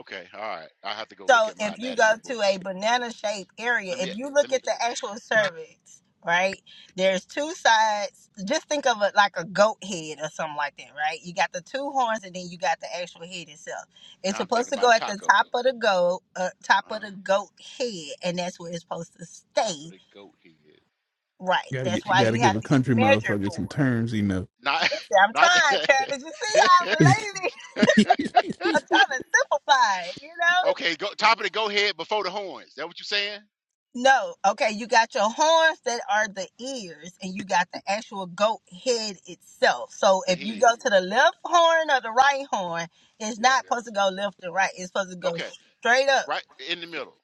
S1: okay. All right, I have to go look
S2: So
S1: at my
S2: if you go
S1: anatomy
S2: to a
S1: books.
S2: banana shaped area,
S1: Let me
S2: if you
S1: let
S2: look
S1: me.
S2: at the actual cervix, right? There's two sides. Just think of it like a goat head or something like that, right? You got the two horns and then you got the actual head itself. It's
S1: Now I'm thinking
S2: supposed to go
S1: about a
S2: at the
S1: taco.
S2: top of the goat, uh, top
S1: Uh
S2: of the
S1: huh.
S2: goat head, and that's where it's supposed to
S1: Top of
S2: stay.
S1: the goat head.
S2: Right.
S6: Gotta
S2: That's
S6: get,
S2: why
S6: gotta
S2: you
S6: give
S2: have
S6: a
S2: to get
S6: country
S2: measured
S6: motherfucker some
S2: for it.
S6: terms, you know.
S1: Not
S2: Listen,
S1: (laughs)
S2: I'm
S1: not
S2: trying, Travis. You see how
S1: the.
S2: I'm related? (laughs) I'm trying to simplify it, you know?
S1: (laughs) okay, go top of the goat head before the horns. That what you saying?
S2: No, okay, you got your horns that are the ears, and you got the actual goat head itself. So
S1: The
S2: if you
S1: head.
S2: go to the left horn or the right horn, it's
S1: Yeah.
S2: not supposed to go left and right. It's supposed to go
S1: Okay.
S2: straight up.
S1: Right in the middle.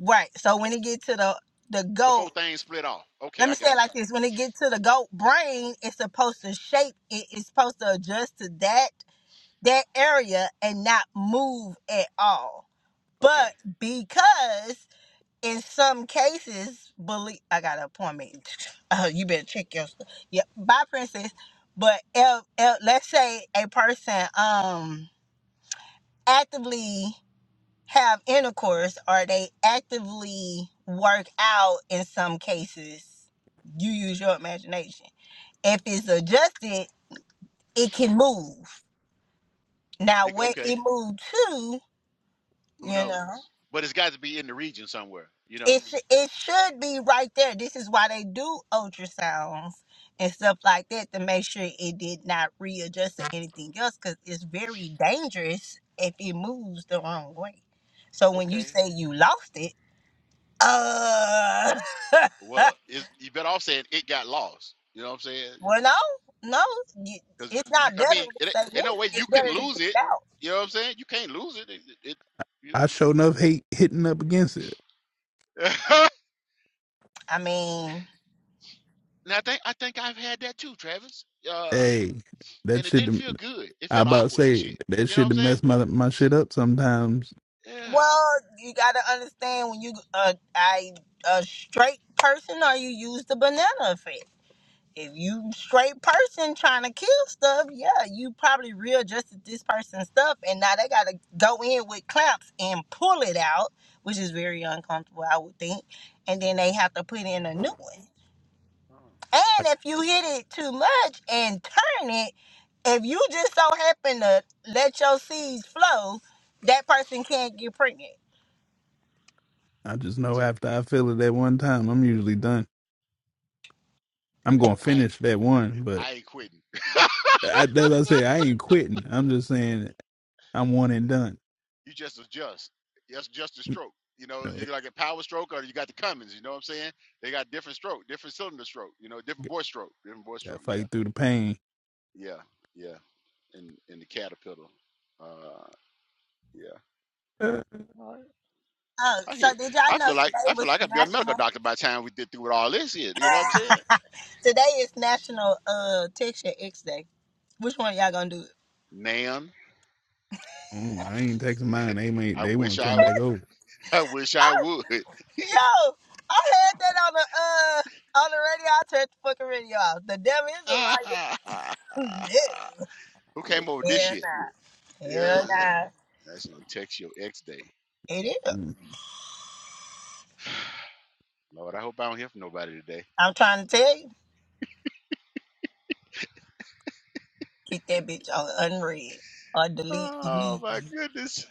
S2: Right. So when it get to the the
S1: Before
S2: goat,
S1: things split off. Okay,
S2: let me
S1: I
S2: say it
S1: got you.
S2: like this: when it get to the goat brain, it's supposed to shape. It, it's supposed to adjust to that that area and not move at all.
S1: Okay.
S2: But because in some cases, believe I got an appointment. (laughs) (sniffs) Uh, you better check your stuff. Yeah, bye, princess. But if, if, let's say a person um actively have intercourse or they actively work out in some cases, you use your imagination. If it's adjusted, it can move. Now,
S1: Think-
S2: where it
S1: Okay.
S2: moved to,
S1: Who
S2: you know.
S1: knows? But it's got to be in the region somewhere, you know?
S2: it sh- it should be right there. This is why they do ultrasounds and stuff like that to make sure it did not readjust to anything else because it's very dangerous if it moves the wrong way. So when you
S1: Okay.
S2: say you lost it, uh, (laughs)
S1: Well, it's, you better off saying it got lost. You know what I'm saying?
S2: well, no, no, you,
S1: Because,
S2: it's
S1: you,
S2: not
S1: I
S2: better
S1: mean,
S2: to
S1: it, ain't-
S2: say
S1: no way
S2: anything.
S1: you
S2: It's
S1: can
S2: better to get
S1: lose it.
S2: it out.
S1: You know what I'm saying? You can't lose it. It, it, it-
S6: (laughs)
S1: you
S6: I
S1: know.
S6: sure enough hate hitting up against it.
S1: (laughs)
S2: I mean,
S1: now, I think, I think I've had that too, Travis. Uh,
S6: Hey, that
S1: and it
S6: shit.
S1: didn't
S6: done-
S1: feel good. It
S6: I
S1: felt
S6: about to
S1: awkward and
S6: say
S1: shit.
S6: that
S1: You know what
S6: shit
S1: I'm
S6: to
S1: saying?
S6: mess my my shit up sometimes.
S1: Yeah.
S2: well, you got to understand when you uh, I a straight person or you use the banana effect. if you straight person trying to kill stuff, yeah, you probably readjusted this person's stuff, and now they gotta go in with clamps and pull it out, which is very uncomfortable, I would think. And then they have to put in a new one.
S1: Oh.
S2: And if you hit it too much and turn it, if you just so happen to let your seeds flow, that person can't get pregnant.
S6: I just
S1: It
S6: know
S1: just,
S6: after I feel it that one time, I'm usually done. I'm gonna
S1: I
S6: finish that one, but
S1: I ain't quitting. (laughs)
S6: I, as I say, I ain't quitting. I'm just saying I'm one and done.
S1: You just adjust. That's just a
S6: You
S1: stroke. You know, you
S6: know,
S1: like a power stroke or you got the Cummins, you know what I'm saying? They got different stroke, different cylinder stroke, you know, different bore stroke, different bore
S6: Got to
S1: stroke. Yeah.
S6: fight through the pain.
S1: Yeah. Yeah. In in the caterpillar. Uh yeah.
S6: Uh,
S1: All right.
S2: Oh,
S1: I
S2: so
S1: hear.
S2: did y'all
S1: I
S2: know
S1: feel like
S2: today
S1: I feel
S2: was
S1: like I'd be a medical
S2: national?
S1: doctor by the time we did through with all this here. You know what I'm saying?
S2: (laughs) today is National uh Texture X Day. Which one y'all gonna do?
S1: Ma'am.
S6: mm, I ain't texting mine. They may
S1: (laughs) I
S6: they want
S1: wish
S6: to
S1: I
S6: come
S1: w-
S6: back
S1: (laughs)
S6: over.
S1: I wish
S2: I,
S1: I would. (laughs)
S2: yo, I had that on the uh on the radio. I turned the fucking radio off. The devil is a liar. (laughs)
S1: Who came over with
S2: no,
S1: this
S2: hell
S1: shit?
S2: nah,
S1: Yeah,
S2: hell nah.
S1: National Text Your Ex Day.
S2: It is.
S6: Mm,
S1: Lord, I hope I don't hear from nobody today.
S2: I'm trying to tell you, keep that bitch on unread or delete
S1: Oh my
S2: immediately.
S1: goodness.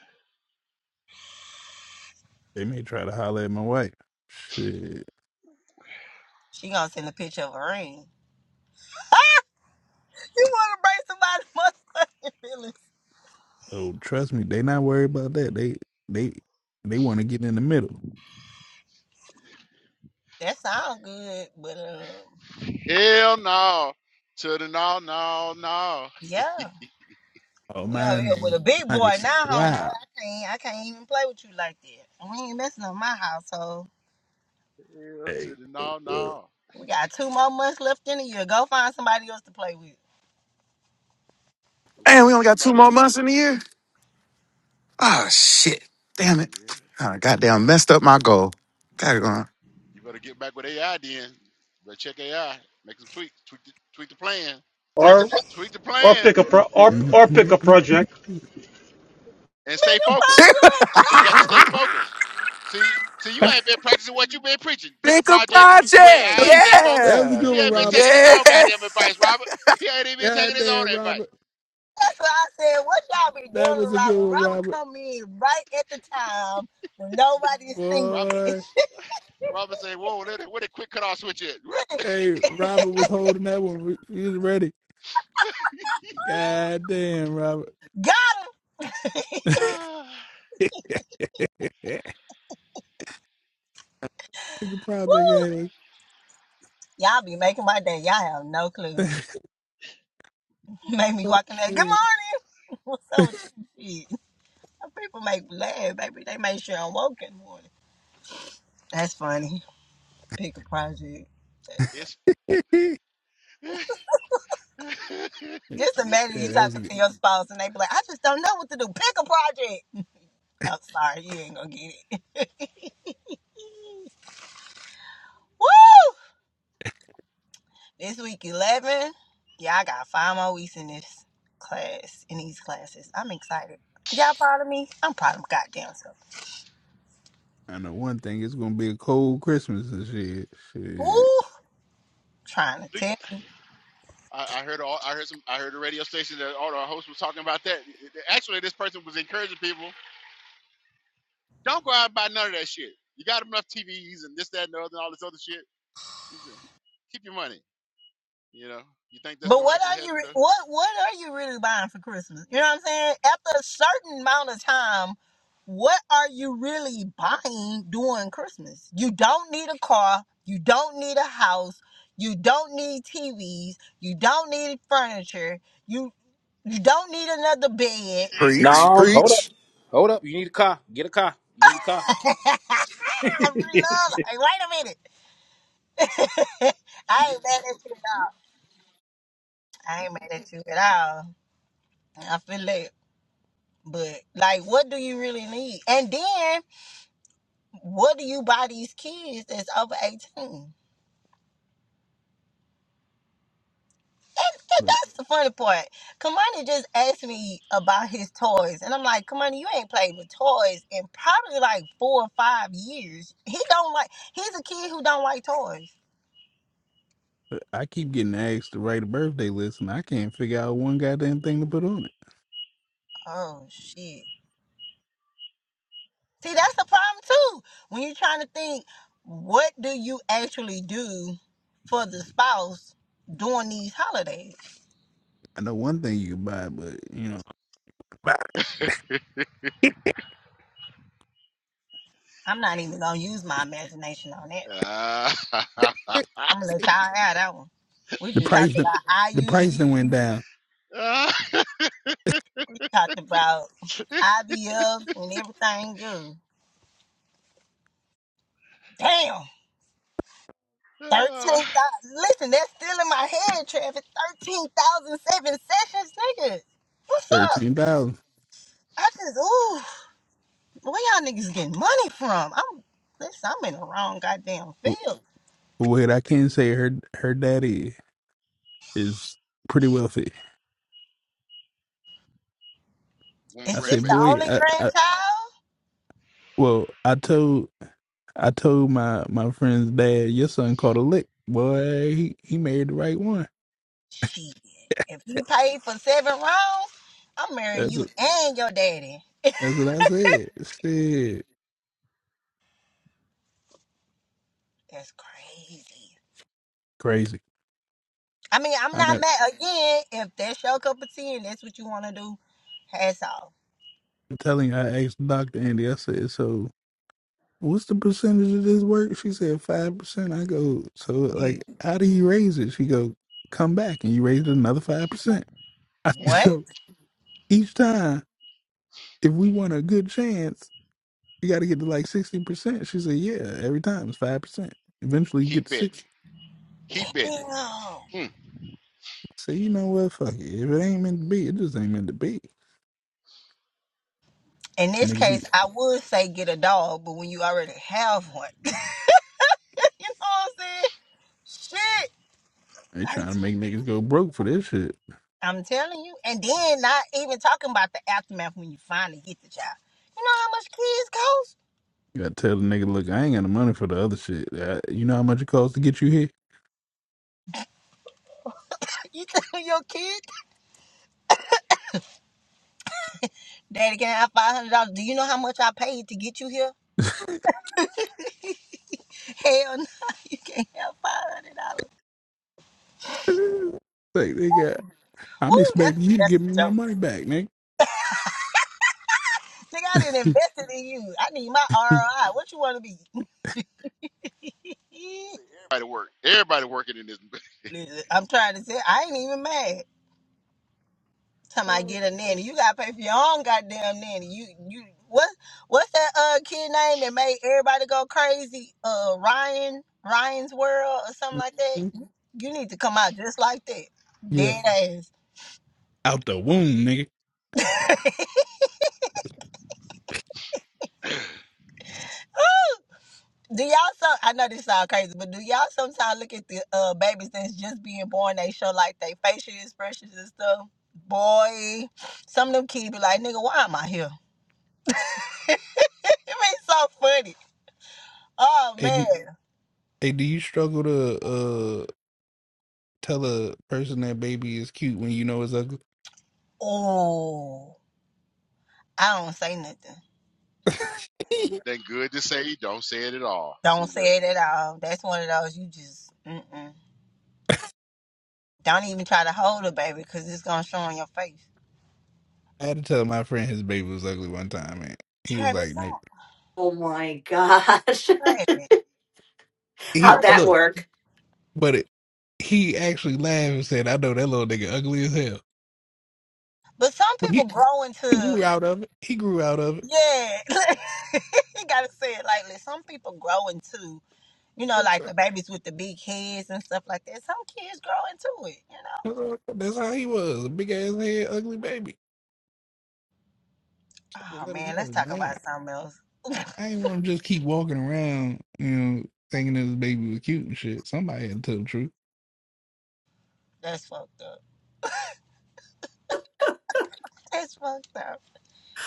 S6: They may try to holler at my wife. Shit.
S2: She gonna send a picture of a ring. (laughs) you wanna break somebody's (laughs) motherfucking feelings?
S6: Oh, trust me, they not worried about that. They they they want to get in the middle.
S2: That sound good, but um.
S1: Hell no. To the no, no, no.
S2: Yeah,
S6: Oh,
S2: we out here with
S6: mine's
S2: a big boy
S6: mine's
S2: now, homeboy.
S6: wow.
S2: I can't, I can't even play with you like that. We ain't messing up my household.
S1: Hell to
S6: Hey,
S1: the no,
S6: uh,
S1: no.
S2: We got two more months left in the year. Go find somebody else to play with.
S1: Go
S4: Damn, we
S1: find
S4: only got two
S1: somebody else
S4: more
S1: to
S4: months
S1: play
S4: in the
S1: with.
S4: year. Oh shit! Damn it!
S1: Yeah.
S4: I goddamn messed up my goal.
S1: Boy, you better get back with AI then. Better check AI. Make some tweaks. Tweak the, tweak the plan.
S5: Or
S1: Tweak the
S5: or
S1: plan
S5: pick a pro or
S6: mm,
S5: or pick
S6: mm.
S5: a project.
S1: and stay focused. And you got to stay focused. See, see,
S6: (laughs)
S1: you
S6: that
S1: ain't been practicing what you been preaching. Pick a
S4: Pick a
S1: project and do
S4: project.
S1: AI and
S6: was
S1: stay focused.
S6: that was a
S4: Yeah.
S6: good
S1: He
S6: one,
S1: ain't been
S6: Robert.
S1: taking his own
S4: Yeah.
S1: goddamn advice, Robert. He ain't even been taking
S6: God
S1: his own
S6: damn,
S1: advice.
S6: Robert.
S2: That's what I said. What y'all be
S6: That
S2: doing to
S6: was a good
S2: Robert?
S6: one,
S2: Robert
S6: Robert.
S2: come in right at the time when nobody's thinking.
S1: Robert,
S2: (laughs)
S6: Boy,
S1: Robert said, "Whoa, let it, where the quick cutoff switch is?"
S6: hey, Robert was holding that one. He was ready. God damn, Robert.
S2: Got him.
S1: (sighs)
S6: (laughs) You could probably
S2: Woo!
S6: get
S2: Y'all be making my day. Y'all have no clue.
S6: it.
S2: (laughs) Make me walk in
S6: (laughs)
S2: there. Good
S6: yeah,
S2: morning. (laughs) What's up with you? Shit. People make me laugh, baby. They make sure I'm woke in the morning. That's funny. Pick a project. That's funny.
S1: it's. (laughs)
S2: Just imagine you
S6: that was
S2: talking
S6: good.
S2: to your spouse and they be like, I just don't know what to do. Pick a project. I'm sorry, you ain't gonna get it. (laughs) Woo! This week 11. Yeah, I got five more weeks in this class, in these classes. I'm excited. Y'all proud of me? I'm proud of my goddamn self.
S6: I know one thing. It's gonna be a cold Christmas and shit.
S2: Woo!
S6: Shit.
S2: Trying to tell. you.
S1: I, I heard all, I heard some I heard the radio station that all our hosts was talking about that. Actually, this person was encouraging people, don't go out and buy none of that shit. You got enough TVs and this, that, and the other, and all this other shit. Keep your money. You know, you think that's
S2: But
S1: gonna
S2: what
S1: actually
S2: are you
S1: happen though?
S2: what what are you really buying for Christmas? You know what I'm saying? After a certain amount of time, what are you really buying during Christmas? You don't need a car, you don't need a house, you don't need TVs, you don't need furniture, you you don't need another bed.
S4: Preach.
S9: No, hold
S4: Preach.
S9: up. Hold up. You need a car. Get a car. You need a car.
S2: (laughs) I really love like, wait a minute. I ain't mad at you at all. I ain't mad at you at all. I feel that. But like what do you really need? And then What do you buy these kids that's over 18? And
S6: Look,
S2: that's the funny part. Kamani just asked me about his toys. And I'm like, Kamani, you ain't played with toys in probably like four or five years. He don't like, he's a kid who don't like toys.
S6: I keep getting asked to write a birthday list, and I can't figure out one goddamn thing to put on it.
S2: Oh, shit. See, that's the problem too. When you're trying to think, what do you actually do for the spouse during these holidays?
S6: I know one thing you can buy, but you know,
S2: I'm not even going to use my imagination on that.
S1: Ah,
S6: (laughs)
S2: I'm gonna let y'all have that one. We
S6: the
S2: just
S6: price
S2: talked
S6: done-
S2: about
S6: the price then went
S2: IUDs.
S6: down
S2: We talked about IVFs and everything good. Damn. 13,000. Listen, that's still in my head, Travis. 13,007 sessions, niggas. What's up?
S6: thirteen thousand.
S2: I just, ooh, where y'all niggas getting money from? I'm, listen, I'm in the wrong goddamn field.
S6: What I can say, her her daddy is pretty wealthy.
S1: Warner (laughs)
S6: I
S2: Is this
S6: said,
S2: the
S1: grandbaby.
S6: boy,
S2: only
S6: I, I
S2: grandchild?
S6: well, I told I told my my friend's dad, your son caught a lick, boy. He he married the right one.
S2: Shit. If you pay for seven rounds, I'm marrying
S6: That's
S2: you
S6: it.
S2: and your daddy.
S6: That's what I said. Shit,
S2: That's crazy.
S6: crazy.
S2: I mean, I'm
S6: I
S2: not
S6: never,
S2: mad again. If that's your cup of tea and that's what you want to do, hats off.
S6: I'm telling you, I asked Doctor Andy. I said, so what's the percentage of this work? She said five percent. I go, so
S2: You
S6: like, how do you raise it? She go, come back and you raise it another five percent. (laughs) I said,
S2: what?
S1: Mm,
S6: so each time, if we want a good chance, you got to get to like sixty percent. She said, yeah, every time it's five percent. Eventually, you
S1: he
S6: get to
S1: betting.
S6: sixty.
S1: He betting.
S2: No.
S1: Mm.
S6: See, you know what? Fuck it. If it ain't meant to be, it just ain't meant to be.
S2: In this
S6: Nigga be
S2: case, I would say get a dog, but when you already have one, (laughs) you know what I'm saying?
S6: they
S2: Shit.
S6: trying to
S2: 13.
S6: make niggas go broke for this shit.
S2: I'm telling you. And then not even talking about the aftermath when you finally get the child. You know how much kids cost?
S6: You gotta tell the nigga, look, I ain't got the money for the other shit. Uh you know how much it costs to get you
S2: (laughs) You tell your kid, Daddy, can I have five hundred dollars? Do you know how much I paid to get you here?
S6: here?
S2: Hell no, (laughs) you can't have five hundred dollars.
S6: (laughs) like, they got, I'm
S2: Ooh, that's
S6: expecting you to
S2: that's
S6: give me
S2: a
S6: my
S2: joke.
S6: money back, nigga.
S2: Think I didn't
S6: (laughs)
S2: invested in you. I need my ROI. What you want to be?
S1: See, Everybody work. Everybody working in this.
S2: (laughs) Listen, I'm trying to say I ain't even mad. Time I get a nanny, you gotta pay for your own goddamn nanny. You you what what's that uh kid name that made everybody go crazy? Uh, Ryan Ryan's World or something like that. You need to come out just like that,
S6: yeah.
S2: dead ass.
S6: Out the womb, nigga.
S1: (laughs)
S2: Do y'all so? I know this sound crazy, but do y'all sometimes look at the uh babies that's just being born? They show like they facial expressions and stuff. Boy, some of them kids be like, "Nigga, why am I here?" (laughs) it be so funny. Oh
S6: Hey,
S2: man.
S6: do- hey, do you struggle to uh tell a person that baby is cute when you know it's ugly?
S2: Oh, I don't say nothing.
S6: (laughs)
S1: Than good to say. Don't say it at all.
S2: Don't
S1: See that.
S2: say it at all. That's one of those you just mm-mm. don't even try to hold a baby because it's gonna show on your face.
S6: I had to tell my friend his baby was ugly one time, and he was
S2: Travis,
S6: like, "Nick,
S2: don't.
S3: Oh my gosh.
S2: Travis.
S3: (laughs)
S6: he
S3: How'd
S2: I
S3: that
S6: look,"
S2: believe-
S3: work?
S6: but it, he actually laughed and said, "I know that little nigga ugly as hell,"
S2: But some
S6: but
S2: people
S6: he,
S2: grow
S6: he
S2: into
S6: grew out of it. He grew out of it.
S2: Yeah, (laughs) you gotta say it lightly. Some people grow into, you know,
S6: That's
S2: like the babies with the big heads and stuff like that. Some kids grow into it, you know.
S6: how that's how he was, a big ass head, ugly baby. I
S2: Oh
S6: let him
S2: man, let's
S6: know.
S2: talk
S6: I ain't,
S2: about something else. (laughs)
S6: I ain't want to just keep walking around, you know, thinking that his baby was cute and shit. Somebody had to tell the truth.
S2: That's fucked up. That's fucked up.
S3: (sighs)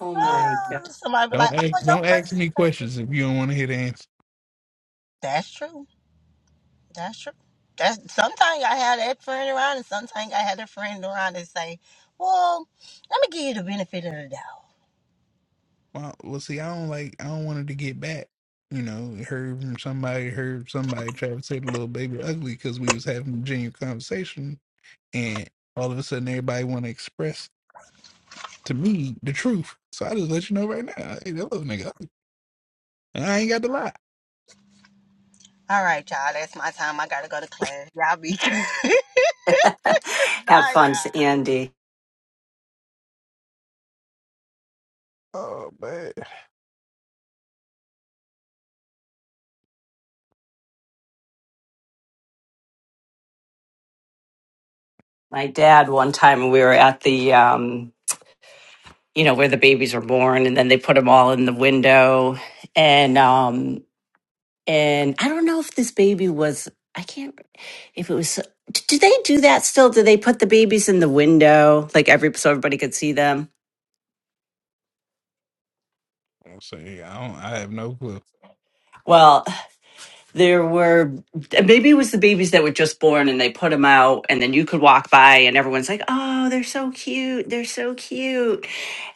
S3: Oh my
S2: Oh, somebody be
S6: Don't
S2: like,
S6: ask,
S2: "Oh, your
S6: don't ask
S2: person."
S6: me questions if you don't want to hear the answer.
S2: That's true. That's true. That's sometimes I have that friend around, and sometimes I have a friend around that say, "Well, let me give you the benefit of the doubt."
S6: Well, well, see, I don't like. I don't want her to get back. You know, heard from somebody. Heard somebody try to say the little baby ugly because we was having a genuine conversation, and all of a sudden everybody want to express to me the truth. So I just let you know right now, hey, that little nigga ugly, and I ain't got to lie.
S2: All right, y'all. That's my time. I gotta go to class. Y'all be. (laughs) Bye,
S3: Have
S2: y'all.
S3: fun's Andy.
S6: Oh man,
S3: My dad, one time we were at the, um, you know, where the babies are born and then they put them all in the window. And, um, and I don't know if this baby was, I can't, if it was, so, d- do they do that still? Do they put the babies in the window? Like every, so everybody could see them?
S6: I'm saying I don't. I have no clue.
S3: Well, there were maybe it was the babies that were just born and they put them out, and then you could walk by, and everyone's like, "Oh, they're so cute! They're so cute!"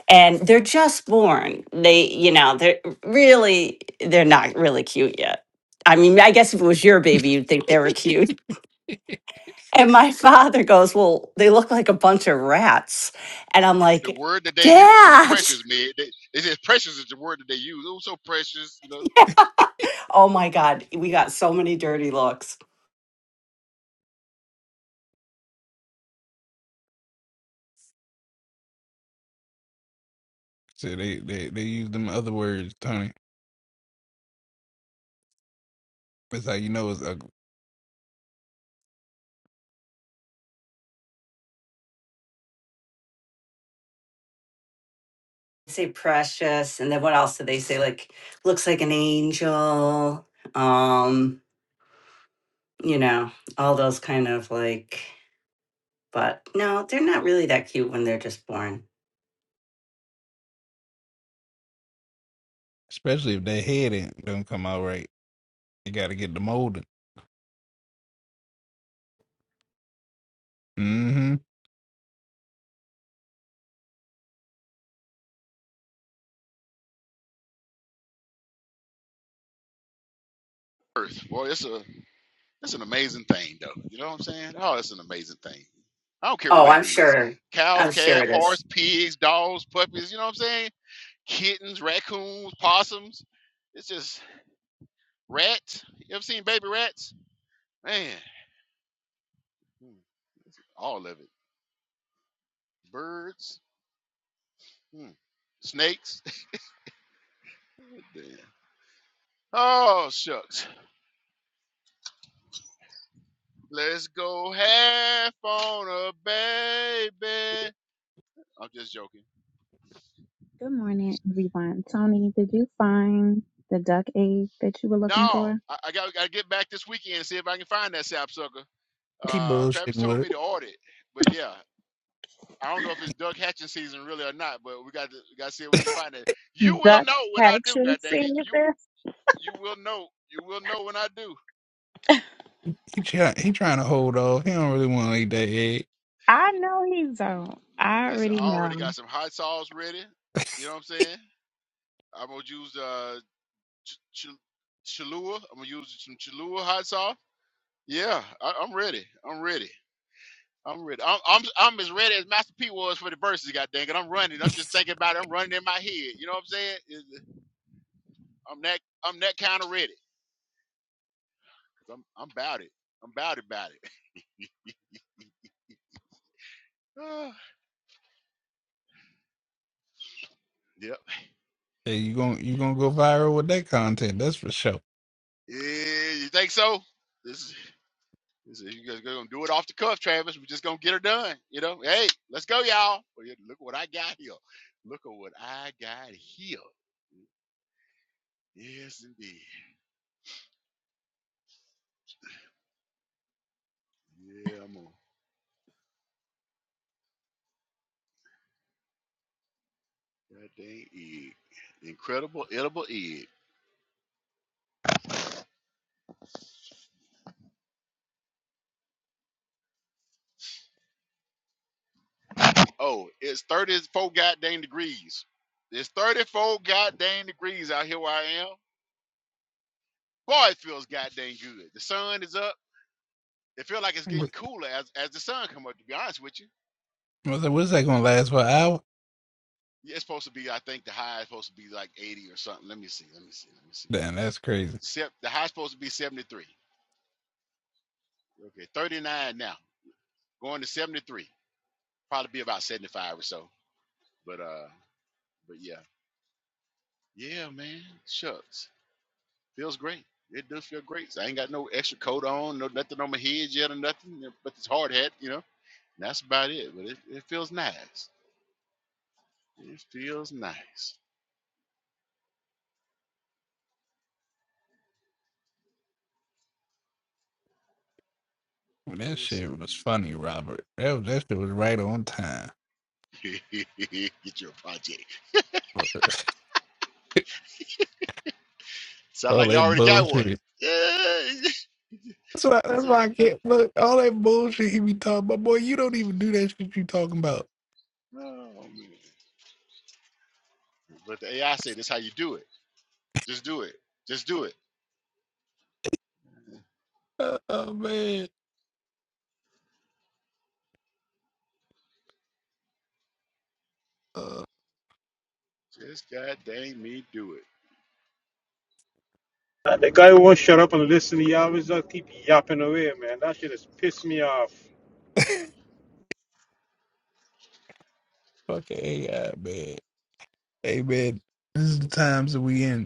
S3: and they're just born they you know they're really they're not really cute yet i mean i guess if it was your baby you'd think they were cute (laughs) and my father goes well they look like a bunch of rats and i'm
S1: The
S3: like
S1: word that they use is
S3: dad (laughs)
S1: precious, man. They, they said precious is the word that they use. It was so precious, you know.
S3: Yeah. oh my god we got so many dirty looks
S6: So they they they use them other words, Tony. That's how you know it's ugly,
S3: say precious and then what else do they say like looks like an angel um you know all those kind of like but no they're not really that cute when they're just born
S6: especially if that head ain't don't come out right. You got to get the molding. Mm-hmm.
S1: Earth, boy, it's a It's an amazing thing, though. You know what I'm saying? Oh, it's an amazing thing. I don't care
S3: Oh,
S1: what
S3: I'm
S1: it is
S3: sure.
S1: cow,
S3: I'm sure
S1: calf,
S3: it
S1: horse,
S3: is.
S1: pigs, dogs, puppies, you know what I'm saying? Kittens, raccoons, possums. It's just rats. You ever seen baby rats? Man, hmm, all of it. Birds, hmm, snakes. (laughs) Damn. Oh, shucks. Let's go half on a baby. I'm just joking.
S10: Good morning, everyone. Tony, did you find the duck egg that you were looking
S1: No,
S10: for?
S1: I, I got got to get back this weekend and see if I can find that sapsucker.
S6: He
S1: Uh,
S6: bullshitting
S1: Travis told
S6: with
S1: me to order it, but yeah, I don't know if it's Doug Hatching season really or not. But we got to we got to see
S6: it.
S1: if
S6: (laughs)
S1: we can find it. You will
S10: Duck
S1: know when
S10: had
S1: I
S10: a
S1: do. God
S10: chance
S1: dang
S10: to see
S1: it, you
S10: this.
S1: you will know. You will know when I do.
S6: He try, he trying to hold off. He don't really want to eat that egg.
S10: I know he don't. I
S1: Listen,
S10: already
S1: I already
S10: know.
S1: got some hot sauce ready. You know what I'm saying? I'm gonna use uh ch- ch- Cholula. I'm gonna use some Cholula hot sauce. Yeah, I, I'm ready. I'm ready. I'm ready. I'm, I'm I'm as ready as Master P was for the verses. God dang it, I'm running. I'm just thinking about it. I'm running in my head. You know what I'm saying? Is- I'm that I'm that kind of ready. i am I'm about it. I'm about it. About it. (sighs) Ah, yep.
S6: Hey, you going you gonna go viral with that content? That's for sure.
S1: Yeah, you think so? This is, this is you guys gonna do it off the cuff, Travis. We're just gonna get her done. You know? Hey, let's go, y'all. Well, yeah, Look what I got here. Look at what I got here. Yes, indeed. Yeah, I'm on. That dang egg. Incredible edible egg. Oh, it's 34 goddamn degrees. It's 34 goddamn degrees out here where I am. Boy, it feels goddamn good. The sun is up. It feels like it's
S6: What-
S1: getting cooler as, as the sun come up, to be honest with you.
S6: What's that, what's that gonna last for an hour?
S1: Yeah, It's supposed to be, I think the high is supposed to be like 80 or something. Let me see. Let me see. Let me see.
S6: Damn, that's crazy.
S1: Sep- the high is supposed to be 73. Okay, 39 now. Going to 73. Probably be about 75 or so. But uh, but yeah. Yeah, man. Shucks. Feels great. It does feel great. So I ain't got no extra coat on, no nothing on my head yet or nothing, you know, but this hard hat, you know. And that's about it. But it, it feels nice. It feels nice.
S6: That
S1: Yes,
S6: shit was funny, Robert. That was, that shit was right on time.
S1: indeed. (laughs) Get your project.
S6: (laughs) all
S1: Sound like you
S6: that
S1: already got one.
S6: bullshit.
S1: Yeah. (laughs)
S6: That's why,
S1: That's
S6: that's
S1: it.
S6: why I can't look. All that bullshit he be talking about, boy. You don't even do that shit you talking about.
S1: Oh, man. But the AI said, that's how you do it. Just do it. Just do it.
S6: Uh, oh man, uh,
S1: Just god dang me, do it."
S5: Uh, the guy who won't shut up and listen, he always uh, keep yapping away, man. That shit has pissed me off.
S6: (laughs) fucking AI man. Hey man, this is the times that we in.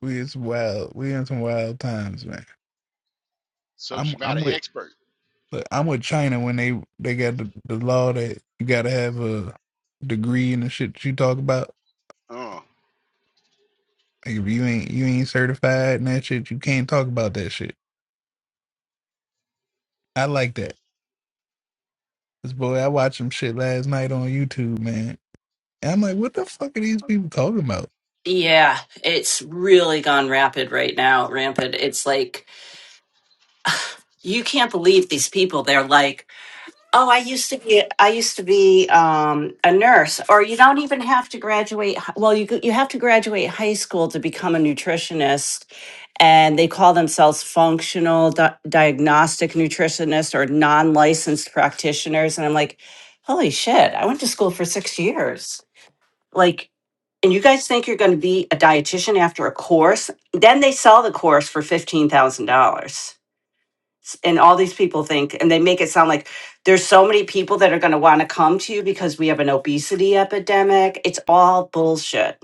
S6: We it's wild. We in some wild times, man. I'm
S1: Subject matter
S6: I'm with
S1: expert.
S6: look, I'm with China when they they got the, the law that you gotta have a degree in the shit that you talk about.
S1: Uh,
S6: Like if you ain't you ain't certified and that shit, you can't talk about that shit. I like that. This boy, I watched some shit last night on YouTube, man. And I'm like, what the fuck are these people talking about?
S3: Yeah, it's really gone rapid right now, rampant. It's like you can't believe these people. They're like, "Oh, I used to be I used to be um a nurse." Or you don't even have to graduate hi- well, you go- you have to graduate high school to become a nutritionist, and they call themselves functional di- diagnostic nutritionist or non-licensed practitioners, and I'm like, "Holy shit, I went to school for 6 years." like and you guys think you're going to be a dietitian after a course then they sell the course for $15000 and all these people think and they make it sound like there's so many people that are going to want to come to you because we have an obesity epidemic it's all bullshit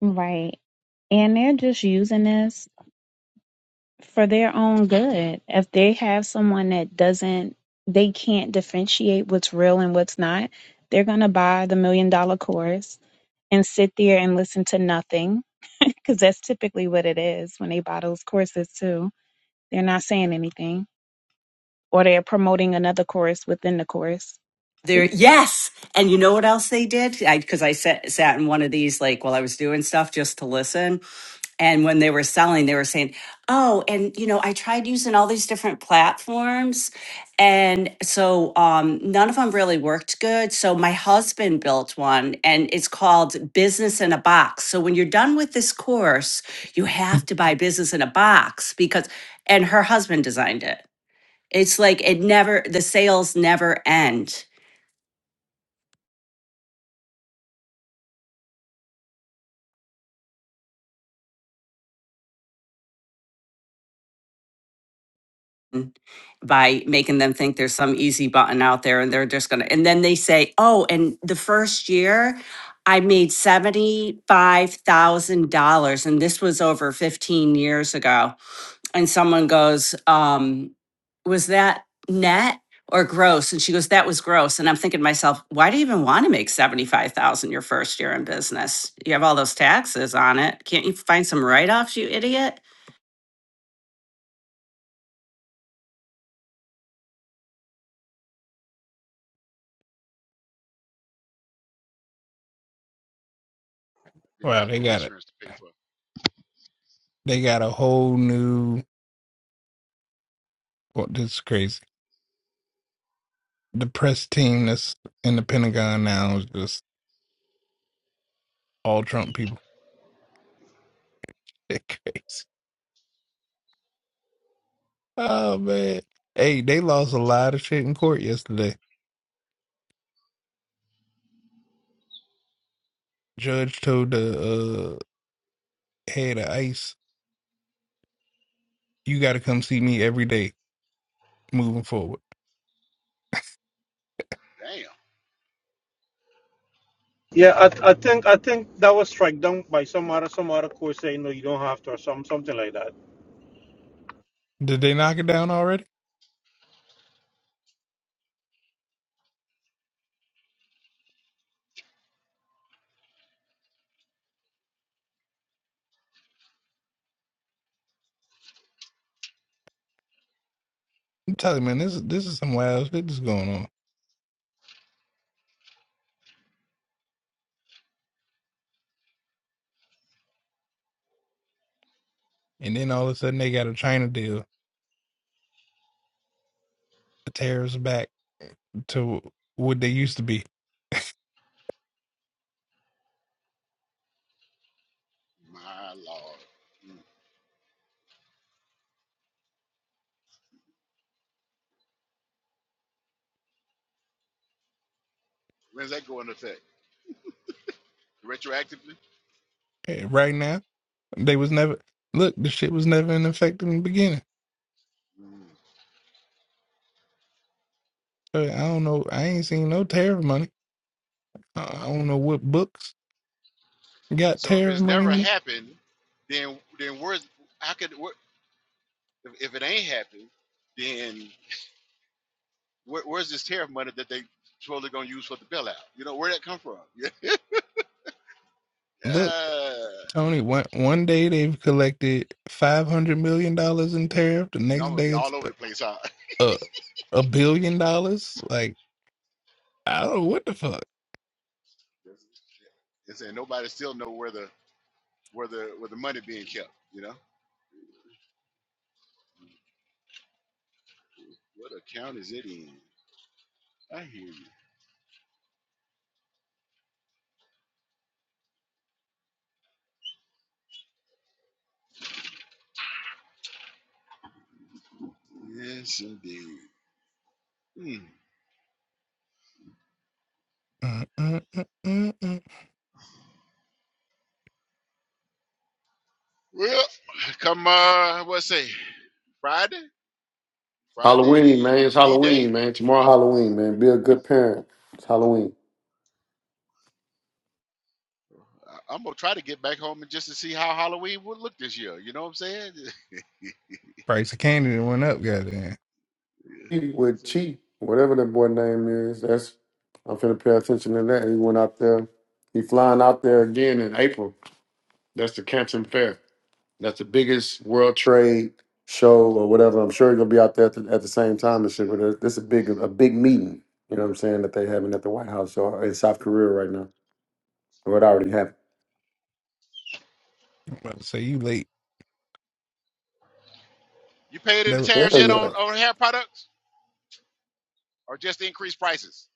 S10: Right. And they're just using this for their own good. If they have someone that doesn't, they can't differentiate what's real and what's not, they're going to buy the million dollar course and sit there and listen to nothing (laughs) because that's typically what it is when they buy those courses, too. They're not saying anything. or they're promoting another course within the course. So
S3: there
S10: you
S3: yes and you know what else they did I, because I sat, sat in one of these like while i was doing stuff just to listen And when they were selling, they were saying, "Oh, and you know, I tried using all these different platforms, and so um, none of them really worked good. So my husband built one, and it's called Business in a Box. So when you're done with this course, you have to buy Business in a Box because, and her husband designed it. It's like it never, the sales never end Mm, by making them think there's some easy button out there and they're just going to and then they say oh and the first year i made $75000 and this was over 15 years ago and someone goes um was that net or gross and she goes that was gross and i'm thinking to myself why do you even want to make 75000 your first year in business you have all those taxes on it can't you find some write-offs you idiot
S1: didn't
S6: Wow,
S1: have
S6: they
S1: no
S6: got it.
S1: insurance to pay for.
S6: They got a whole new. Well, this is crazy. The press team that's in the Pentagon now is just all Trump people. (laughs) They're crazy. Oh man. Hey, they lost a lot of shit in court yesterday. Judge told the uh head of ICE, you gotta come see me every day moving forward.
S1: Damn,
S5: Yeah, I, I think I think that was struck down by some other some other court saying no, you don't have to or some something like that.
S6: Did they knock it down already? I'm telling you, man, this is this is some wild shit that's going on. And then all of a sudden they got a China deal. The tariffs back to what they used to be.
S1: my lord. Mm. When's that go into effect? Retroactively?
S6: Eh, Right now, they was never look, the shit was never in effect in the beginning.
S1: Mm.
S6: So I don't know. I ain't seen no tariff money. I I don't know what books got
S1: So if
S6: tariff
S1: it's
S6: money in
S1: never
S6: it.
S1: happened, then then where's how could where, if, if it ain't happened, then where, where's this tariff money that they supposedly gonna use for the bailout? You know where that come from? (laughs) Yeah,
S6: Look.
S1: yeah.
S6: Tony, one one day they've collected five hundred million dollars in tariff. The
S1: and I'm
S6: next
S1: gonna
S6: day
S1: be
S6: it's
S1: all over
S6: a,
S1: the place. Huh? (laughs)
S6: a, a billion dollars. Like I don't know what the fuck.
S1: and saying nobody still know where the where the where the money being kept. You know what account is it in? I hear you. Yes, indeed. Hmm.
S6: Mm, mm, mm, mm, mm.
S1: Well, come uh, what say Friday?
S11: Halloween,
S1: Friday
S11: man. It's
S1: D
S11: Halloween,
S1: Day.
S11: man. Tomorrow Halloween, man. Be a good parent. It's Halloween.
S1: I'm gonna try to get back home and just to see how Halloween would look this year. You know what I'm saying? (laughs)
S6: Price of candy done went up. Goddamn!
S11: Chi With
S1: Yeah.
S11: Chi, whatever that boy name is, that's I'm finna pay attention to that. He went out there. He flying out there again in April. That's the Canton Fair. That's the biggest World Trade show or whatever. I'm sure he's gonna be out there at the, at the same time and shit. But that- that's a big a big meeting. You know what I'm saying that they having at the White House or in South Korea right now. Or it already happened.
S6: I'm about to say you late.
S1: you paid in the
S6: The
S1: tariffs
S11: Hell
S1: yet on,
S11: yeah,
S1: on hair products, or just increased prices?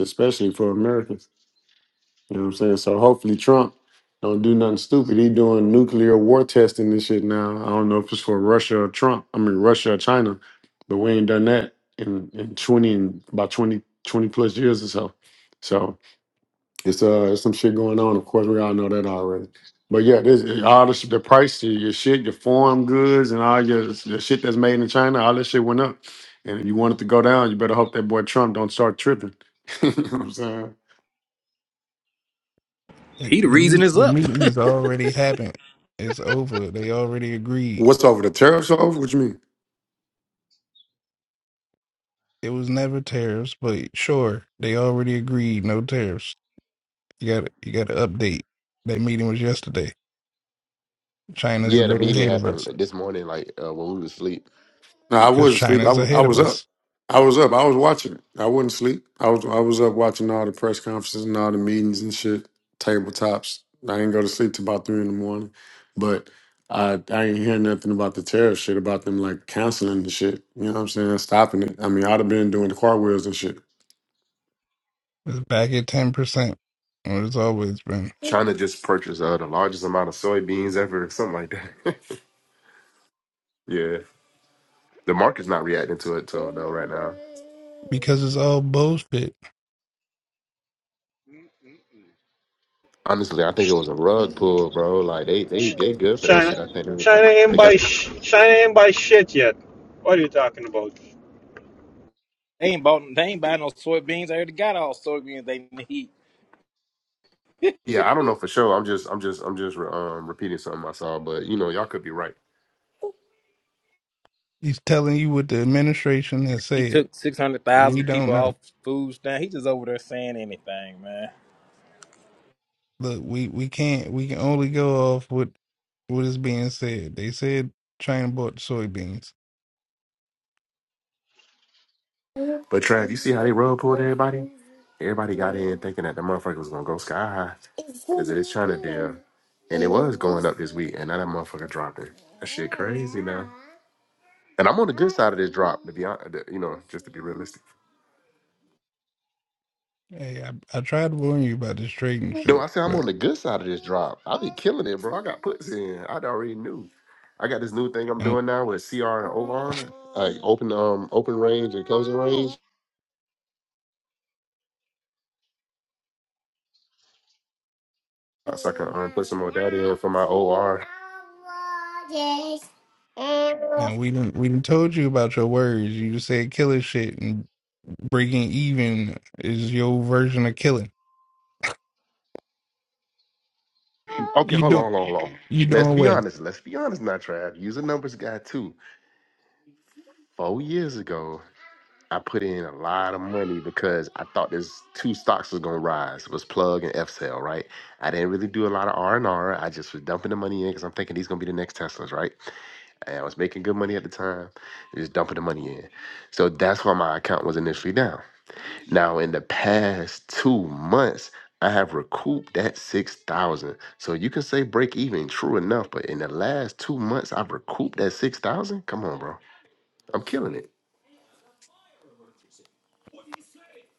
S11: especially for Americans. You know what I'm saying? So hopefully Trump don't do nothing stupid. He doing nuclear war testing and shit now. I don't know if it's for Russia or Trump. I mean Russia or China, but we ain't done that in, in twenty and about 20 20 plus years or so. So it's uh it's some shit going on. Of course, we all know that already. But yeah, this all this, the price of your shit, your foreign goods, and all your the shit that's made in China, all this shit went up. And if you want it to go down, you better hope that boy Trump don't start tripping. (laughs) you know what I'm saying?
S9: He the
S6: the,
S9: reason
S6: meet-
S9: is
S6: the
S9: up. (laughs)
S6: meeting has already happened. It's over. They already agreed.
S11: What's over the tariffs over? What you mean?
S6: It was never tariffs, but sure, they already agreed no tariffs. You got you got to update. That meeting was yesterday. China's a
S12: Yeah, the
S6: day
S12: meeting
S6: ahead of us.
S12: happened this morning, like uh, when we was asleep.
S11: No, I
S6: because
S11: wasn't asleep. I,
S6: China's
S11: wa- I
S6: ahead of
S11: was up.
S6: us.
S11: I was up. I was watching it. I wasn't asleep. I was I was up watching all the press conferences and all the meetings and shit, tabletops. I didn't go to sleep till about three in the morning. But I I ain't hear nothing about the tariff shit, about them like canceling the shit. You know what I'm saying? Stopping it. I mean, I'd have been doing the car wheels and shit.
S6: It's back at ten percent, where it's always been.
S12: China just purchased uh, the largest amount of soybeans ever, (laughs) something like that. (laughs) yeah, the market's not reacting to it though, though right now.
S6: Because it's all bullshit.
S1: Mm-mm-mm.
S12: Honestly, I think it was a rug pull, bro. Like they they
S5: Ch-
S12: they good for that
S5: China,
S12: shit. I think they, uh,
S5: China ain't
S12: they
S5: buy
S12: got.
S5: sh- China ain't buy shit yet. What are you talking about?
S9: They ain't bought they ain't buying no soybeans. I already got all soybeans they need.
S12: Yeah, I don't know for sure. I'm just I'm just I'm just um, repeating something I saw, but you know y'all could be right.
S6: He's telling you what the administration has
S9: He
S6: said.
S9: took six hundred
S6: We
S9: thousand people
S6: don't know.
S9: off food stamp. He just over there saying anything, man.
S6: Look, we we can't. We can only go off what what is being said. They said China bought soybeans.
S12: But Trav, you see how they rug pulled everybody? Everybody got in thinking that the motherfucker was gonna go sky high. Cause it's trying to damn. And it was going up this week, and now that motherfucker dropping. That shit crazy now. And I'm on the good side of this drop, to be honest, you know, just to be realistic.
S6: Hey, I, I tried to warn you about this trading
S12: No,
S6: shit,
S12: I said I'm
S6: but
S12: on the good side of this drop. I be killing it, bro. I got puts in. I already knew. I got this new thing I'm
S6: now,
S12: doing now with CR and OR, like open um open range and closing range. So I can um, put some more data in for my OR. Okay,
S6: now we didn't we didn't told you about your words. You just said killing shit and breaking even is your version of killing. You
S12: hold
S6: doing
S12: on, hold on, hold on.
S6: you
S12: Let's
S6: doing
S12: be
S6: well.
S12: honest. Let's be honest, not Trav. Use a numbers guy too. four years ago, I put in a lot of money because I thought this two stocks was gonna rise. was Plug and F FCell, right? I didn't really do a lot of R and R. I just was dumping the money in because I'm thinking these gonna be the next Teslas, right? And I was making good money at the time, just dumping the money in. So that's why my account was initially down. Now in the past two months. I have recouped that six thousand, so you can say break even. True enough, but in the last two months, I've recouped that six thousand. Come on, bro, I'm killing it.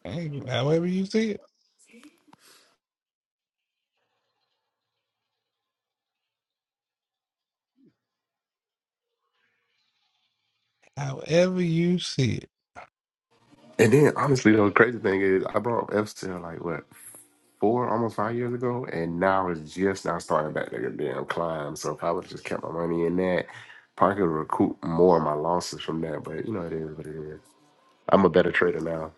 S6: Hey, however you see it, however you see it.
S12: And then honestly, though, the crazy thing is, I brought up F Cell like what four, almost five years ago, and now it's just now starting back to damn climb. So if I would have just kept my money in that, probably could recoup more of my losses from that. But you know, it is what it is. I'm a better trader now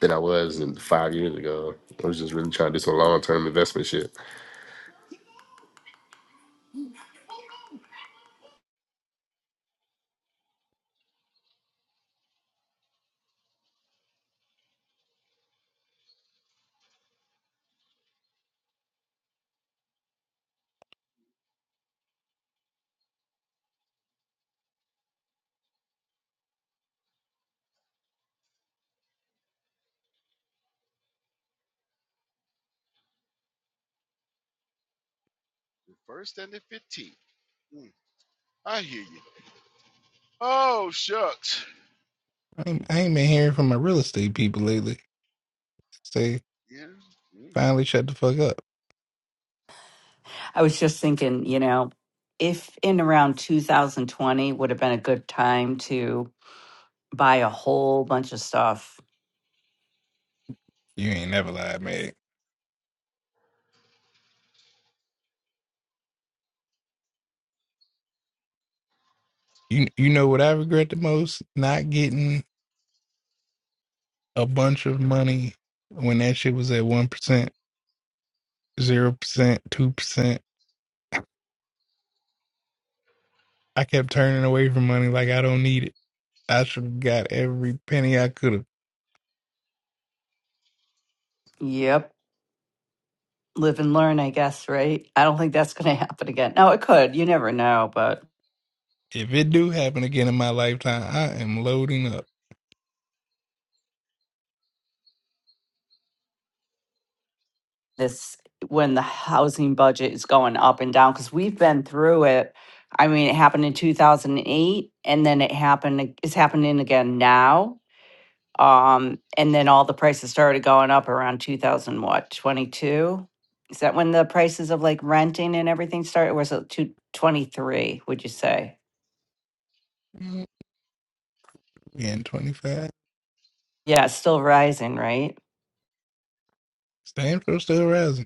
S12: than I was in five years ago. I was just really trying to do some long term investment shit.
S1: The first and the fifteenth. Mm, I hear you. Oh shucks.
S6: I ain't, I ain't been hearing from my real estate people lately. Say,
S1: Yeah. Mm,
S6: finally shut the fuck up.
S3: a whole bunch of stuff
S6: You ain't never lied, man. You you know what I regret the most? Not getting a bunch of money when that shit was at one percent, zero percent, two percent. I kept turning away from money like I don't need it. I should have got every penny I could have.
S3: Yep. live and learn, I guess, right? I don't think that's going to (laughs) happen again. No, it could. You never know. But
S6: If it do happen again in my lifetime, I am loading up.
S3: this, when the housing budget is going up and down, because we've been through it. I mean, it happened in 2008, and then it happened, ag- it's happening again now. Um, and then all the prices started going up around 2000, what, 22? Is that when the prices of like renting and everything started? Or was it 223, would you say?
S6: Mm, Again, twenty five.
S3: Yeah, it's still rising, right?
S6: Stanford still rising.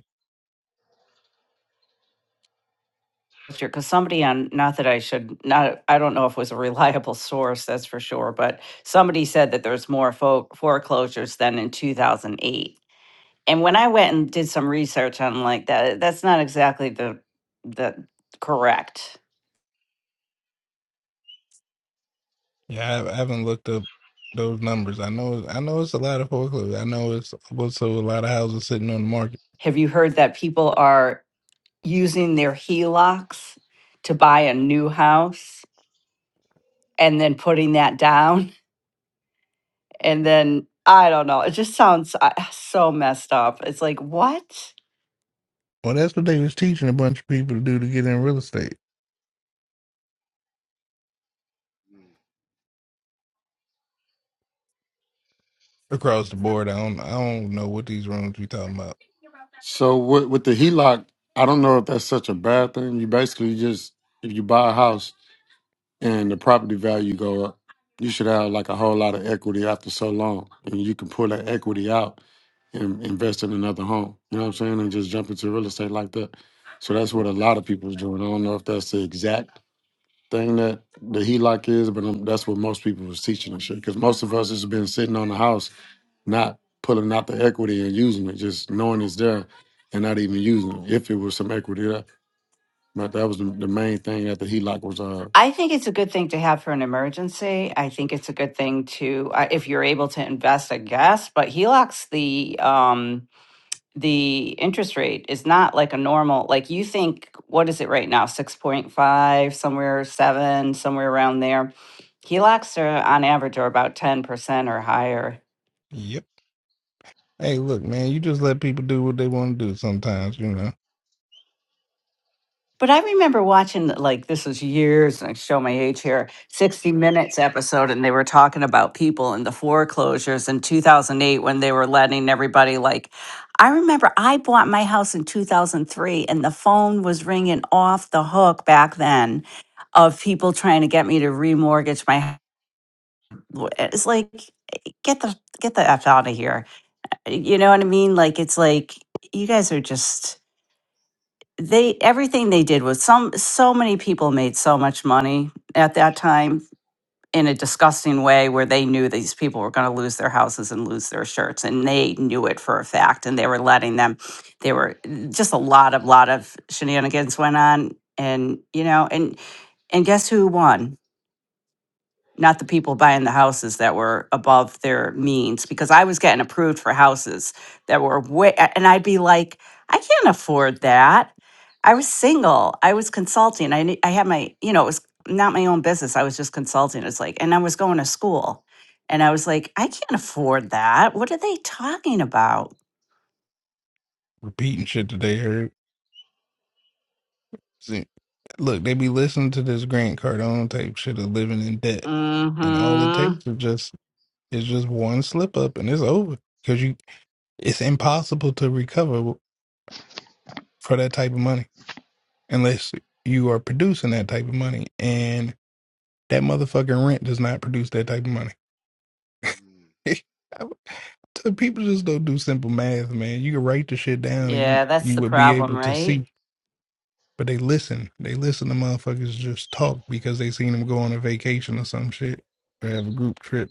S3: sure because somebody on not that i should not i don't know if it was a reliable (laughs) source that's for sure but somebody said that there's more fo- foreclosures than in 2008 and when i went and did some research on like that that's not exactly the the correct
S6: Yeah, I I haven't looked up those numbers. I know, I know it's a lot of foreclosures. I know it's also a lot of houses sitting on the market.
S3: have you heard that people are using their helocs to buy a new house and then putting that down (laughs) and then i don't know it just sounds uh, so messed up it's like what
S6: Well, that's what they was teaching a bunch of people to do to get in real estate
S1: mm,
S6: across the board. I don't, I don't know what these rooms we talking about.
S11: So with with the HELOC, I don't know if that's such a bad thing. You basically just if you buy a house and the property value go up. You should have like a whole lot of equity after so long, and you can pull that equity out and invest in another home. You know what I'm saying? And just jump into real estate like that. So that's what a lot of people's doing. I don't know if that's the exact thing that the HELOC is, but um that's what most people was teaching and shit. Because most of us has been sitting on the house, not pulling out the equity and using it, just knowing it's there and not even using it. If it was some equity there, but that was the, the main thing that the HELOC was uh
S3: I think it's a good thing to have for an emergency. I think it's a good thing to uh, if you're able to invest, I guess. But HELOCs, the um, the interest rate is not like a normal. Like you think, what is it right now? Six point five, somewhere seven, somewhere around there. HELOCs are on average are about ten percent or higher.
S6: Yep. Hey, look, man, you just let people do what they want to do. Sometimes, you know,
S3: But I remember watching like this was years, and I show my age here, 60 Minutes episode, and they were talking about people in the foreclosures in 2008 when they were letting everybody like. I remember I bought my house in 2003, and the phone was ringing off the hook back then of people trying to get me to remortgage my. h- w- It's like get the get the f out of here. You know what I mean? Like it's like you guys are just they everything they did was some so many people made so much money at that time in a disgusting way where they knew these people were going to lose their houses and lose their shirts and they knew it for a fact and they were letting them they were just a lot of lot of shenanigans went on and you know and and guess who won not the people buying the houses that were above their means because I was getting approved for houses that were way and I'd be like, I can't afford that. I was single. I was consulting. I ne- I had my, you know, it was not my own business. I was just consulting. It's like, and I was going to school. And I was like, I can't afford that. What are they talking about?
S6: repeating shit that they heard. See, look, they be listening to this Grant Cardone tape shit of living in debt, and all it
S3: Mhm.
S6: takes is just is just one slip up, and it's over. because you. It's impossible to recover for that type of money unless you are producing that type of money. And that motherfucking rent does not produce that type of money.
S1: mm.
S6: (laughs) So People just don't do simple math, man. You can write the shit down and you,
S3: Yeah, that's
S6: you
S3: the
S6: would be
S3: problem,
S6: able to
S3: right?
S6: see. But they listen. They listen to motherfuckers just talk because they seen them go on a vacation or some shit or have a group trip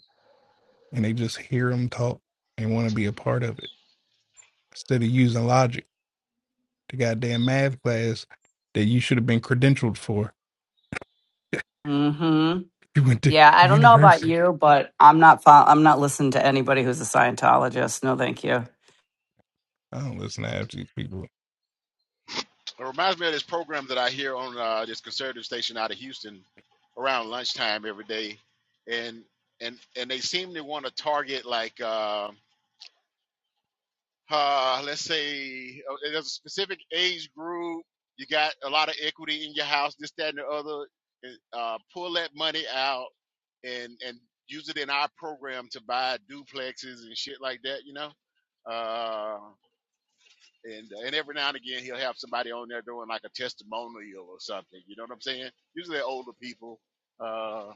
S6: and they just hear them talk and want to be a part of it instead of using logic. the goddamn math class that you should have been credentialed for. You went to
S3: Yeah, I don't know about
S6: university.
S3: you, but I'm not fol- I'm not listening to anybody who's a Scientologist. No, thank you.
S6: I don't listen to half these people.
S1: It reminds me of this program that I hear on uh, this conservative station out of Houston around lunchtime every day, and and and they seem to want to target like. uh, uh, let's say uh, there's a specific age group, you got a lot of equity in your house, this, that, and the other, uh, pull that money out and and use it in our program to buy duplexes and shit like that, you know. Uh, and uh, and every now and again he'll have somebody on there doing like a testimonial or something. You know what I'm saying? Usually they're older people. Uh,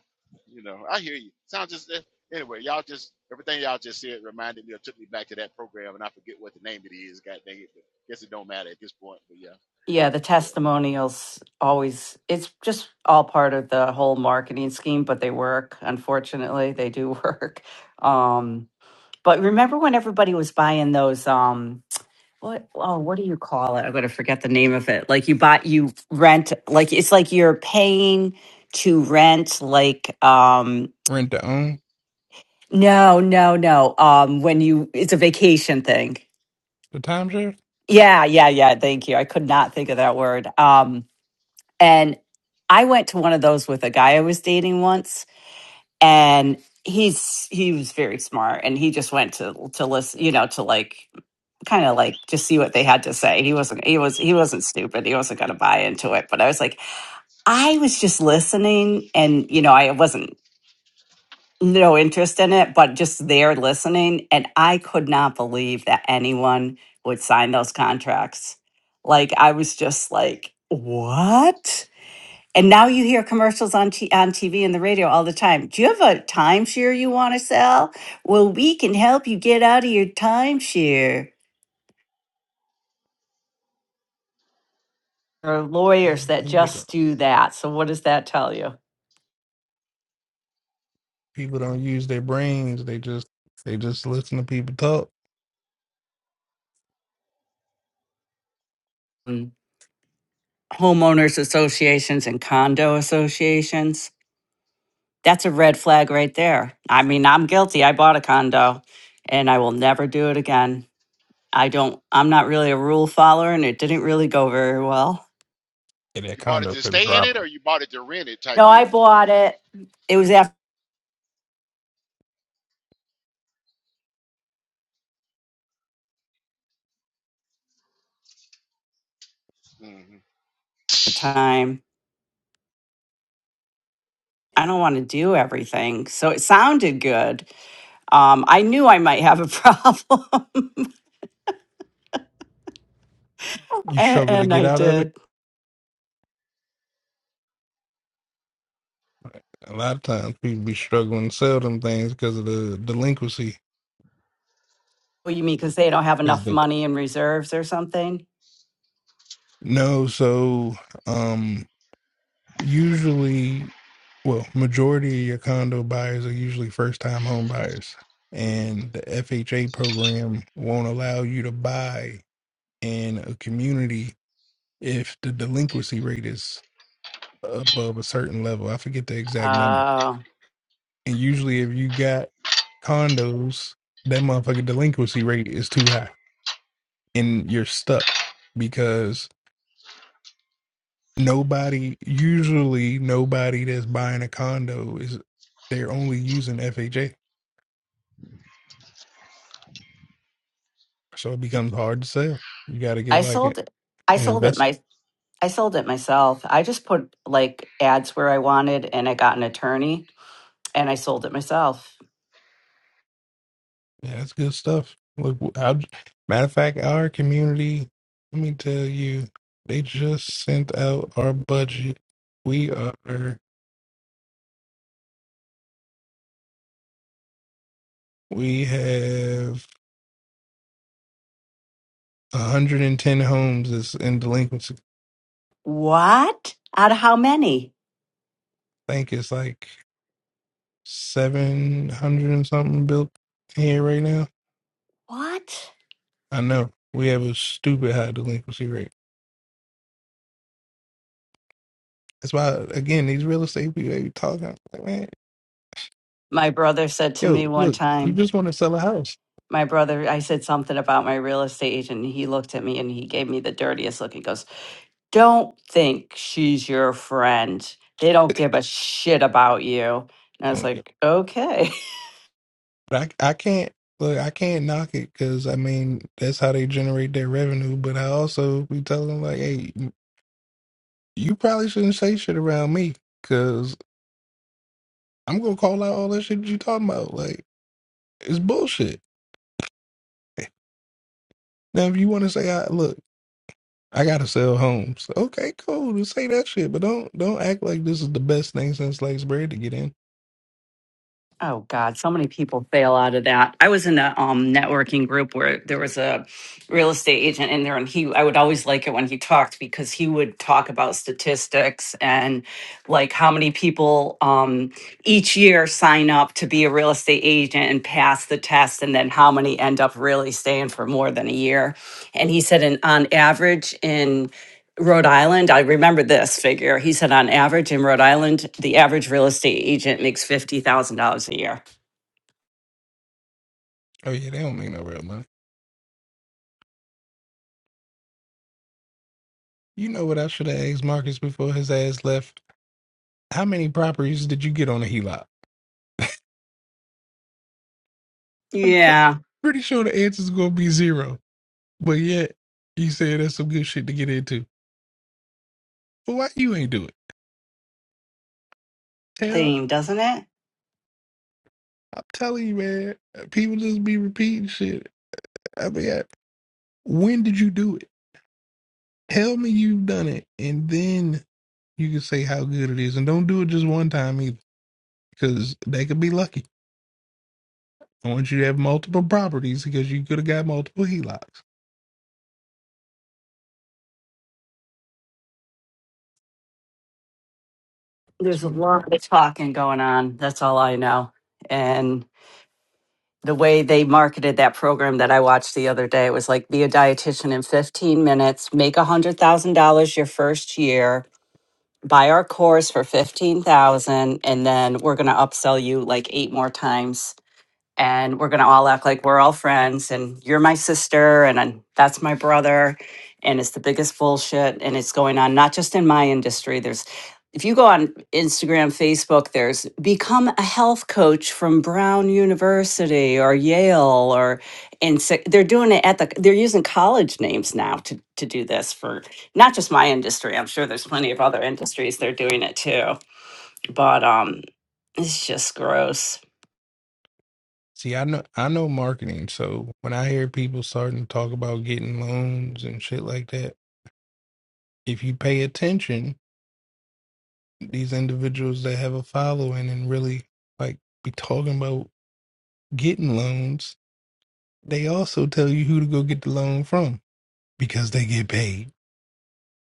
S1: you know, I hear you. Sounds just eh, anyway. Y'all just everything y'all just said reminded me or took me back to that program, and I forget what the name it is. God dang it! But guess it don't matter at this point. But yeah,
S3: Yeah, the
S1: yeah.
S3: testimonials always it's just all part of the whole marketing scheme, but they work. Unfortunately, they do (laughs) work. Um but remember when everybody was buying those um what oh what do you call it? I'm going to forget the name of it. Like you buy you rent like it's like you're paying to rent like um,
S6: Rent to own
S3: No, no, no. Um, when you, it's a vacation thing.
S6: the timeshare.
S3: Yeah, yeah, yeah. Thank you. I could not think of that word. Um, and I went to one of those with a guy I was dating once, and he's he was very smart, and he just went to to listen, you know, to like kind of like just see what they had to say. He wasn't he was he wasn't stupid. He wasn't going to buy into it. But I was like, I was just listening, and you know, I wasn't no interest in it, but just there listening. And I could not believe that anyone would sign those contracts. Like I was just like, what? And now you hear commercials on t- on TV and the radio all the time. Do you have a timeshare you want to sell? Well, we can help you get out of your timeshare. There are
S6: Hey,
S3: lawyers that
S6: people, don't-
S3: just do that. So what does that tell you?
S6: people don't use their brains. They just they just listen to people talk.
S3: Mm. Homeowners associations and condo associations That's a red flag right there. I mean, I'm guilty. I bought a condo and I will never do it again. I don't, I'm not really a rule follower and it didn't really go very well.
S6: And that
S1: You bought it
S6: condo
S1: to
S6: should have
S1: stay in it,
S6: dropped.
S1: or you bought it to rent it, type
S3: No, I
S1: deal.
S3: bought it. It was after
S1: hmm
S3: the time. I don't want to do everything. So it sounded good. Um, I knew I might have a (laughs) problem (laughs)
S6: You
S3: and,
S6: struggle to
S3: and
S6: get
S3: I
S6: out of it.
S3: did.
S6: A lot of times people be struggling to sell them things because of the delinquency.
S3: What do you mean? Because they don't have
S6: Because
S3: enough
S6: the
S3: money in reserves or something?
S6: no, so um usually well majority of your condo buyers are usually first time home buyers
S1: hmm
S6: and the fha program won't allow you to buy in a community if the delinquency rate is above a certain level i forget the exact number
S3: Uh,
S6: and usually if you got condos that motherfucking delinquency rate is too high and you're stuck because. nobody usually nobody that's buying a condo is they're only using FHA, so it becomes hard to sell. You got to get
S3: I
S6: like an
S3: sold it. I sold
S6: investor.
S3: it I sold it myself. I just put like ads where I wanted and I got an attorney and I sold it myself.
S6: Yeah, that's good stuff. Look, I, matter of fact, our community. Let me tell you, they just sent out our budget. We are we have 110 homes that's in delinquency.
S3: What? Out of how many?
S6: I think it's like 700 and something built here right now
S3: What?
S6: I know we have a stupid high delinquency rate. That's why, again, these real estate people they be talking like, man,
S3: My brother said to me
S6: yo,
S3: one
S6: look, you
S3: time,
S6: just want to sell a house,
S3: my brother, I said something about my real estate agent, and he looked at me and he gave me the dirtiest look. He goes, Don't think she's your friend. They don't give a shit about you. And I was
S6: don't you?
S3: like, Okay.
S6: But I, I can't look, I can't knock it because I mean that's how they generate their revenue. But I also be telling them like, hey, you probably shouldn't say shit around me because I'm gonna call out all that shit that you talking about. Like it's bullshit. Now, if you want to say, I look. I gotta sell homes. Okay, cool. Just say that shit, but don't don't act like this is the best thing since sliced bread to get in.
S3: Oh God, so many people fail out of that. I was in a um, networking group where there was a real estate agent in there, and he I would always like it when he talked because he would talk about statistics and like how many people um, each year sign up to be a real estate agent and pass the test, and then how many end up really staying for more than a year. And he said, and on average, in Rhode Island, I remember this figure. He said on average in Rhode Island, the average real estate agent makes $50,000 a year.
S6: Oh yeah, they don't make no real money. You know what I should have asked Marcus before his ass left? How many properties did you get on a HELOC? I'm pr-
S3: Yeah.
S6: pretty sure the answer's gonna be zero. But yet you said that's some good shit to get into. But why you ain't do it? Tell
S3: Theme, doesn't it?
S6: I'm telling you, man. People just be repeating shit. I mean, I- when did you do it? Tell me you've done it, and then you can say how good it is, and don't do it just one time either, because they could be lucky. I want you to have multiple properties because you could have got multiple HELOCs.
S3: There's a
S6: Sweet.
S3: lot of talking going on. That's all I know. And the way they marketed that program that I watched the other day, it was like be a dietitian in 15 minutes, make $100,000 your first year, buy our course for 15,000 and then we're going to upsell you like eight more times and we're going to all act like we're all friends and you're my sister and i that's my brother and it's the biggest bullshit and it's going on not just in my industry there's if you go on instagram facebook there's become a health coach from brown university or yale or and so they're doing it at the they're using college names now to to do this for not just my industry i'm sure there's plenty of other industries they're doing it too but um it's just gross
S6: See, I know I know marketing, so when I hear people starting to talk about getting loans and shit like that, if you pay attention, these individuals that have a following and really like be talking about getting loans, they also tell you who to go get the loan from because they get paid.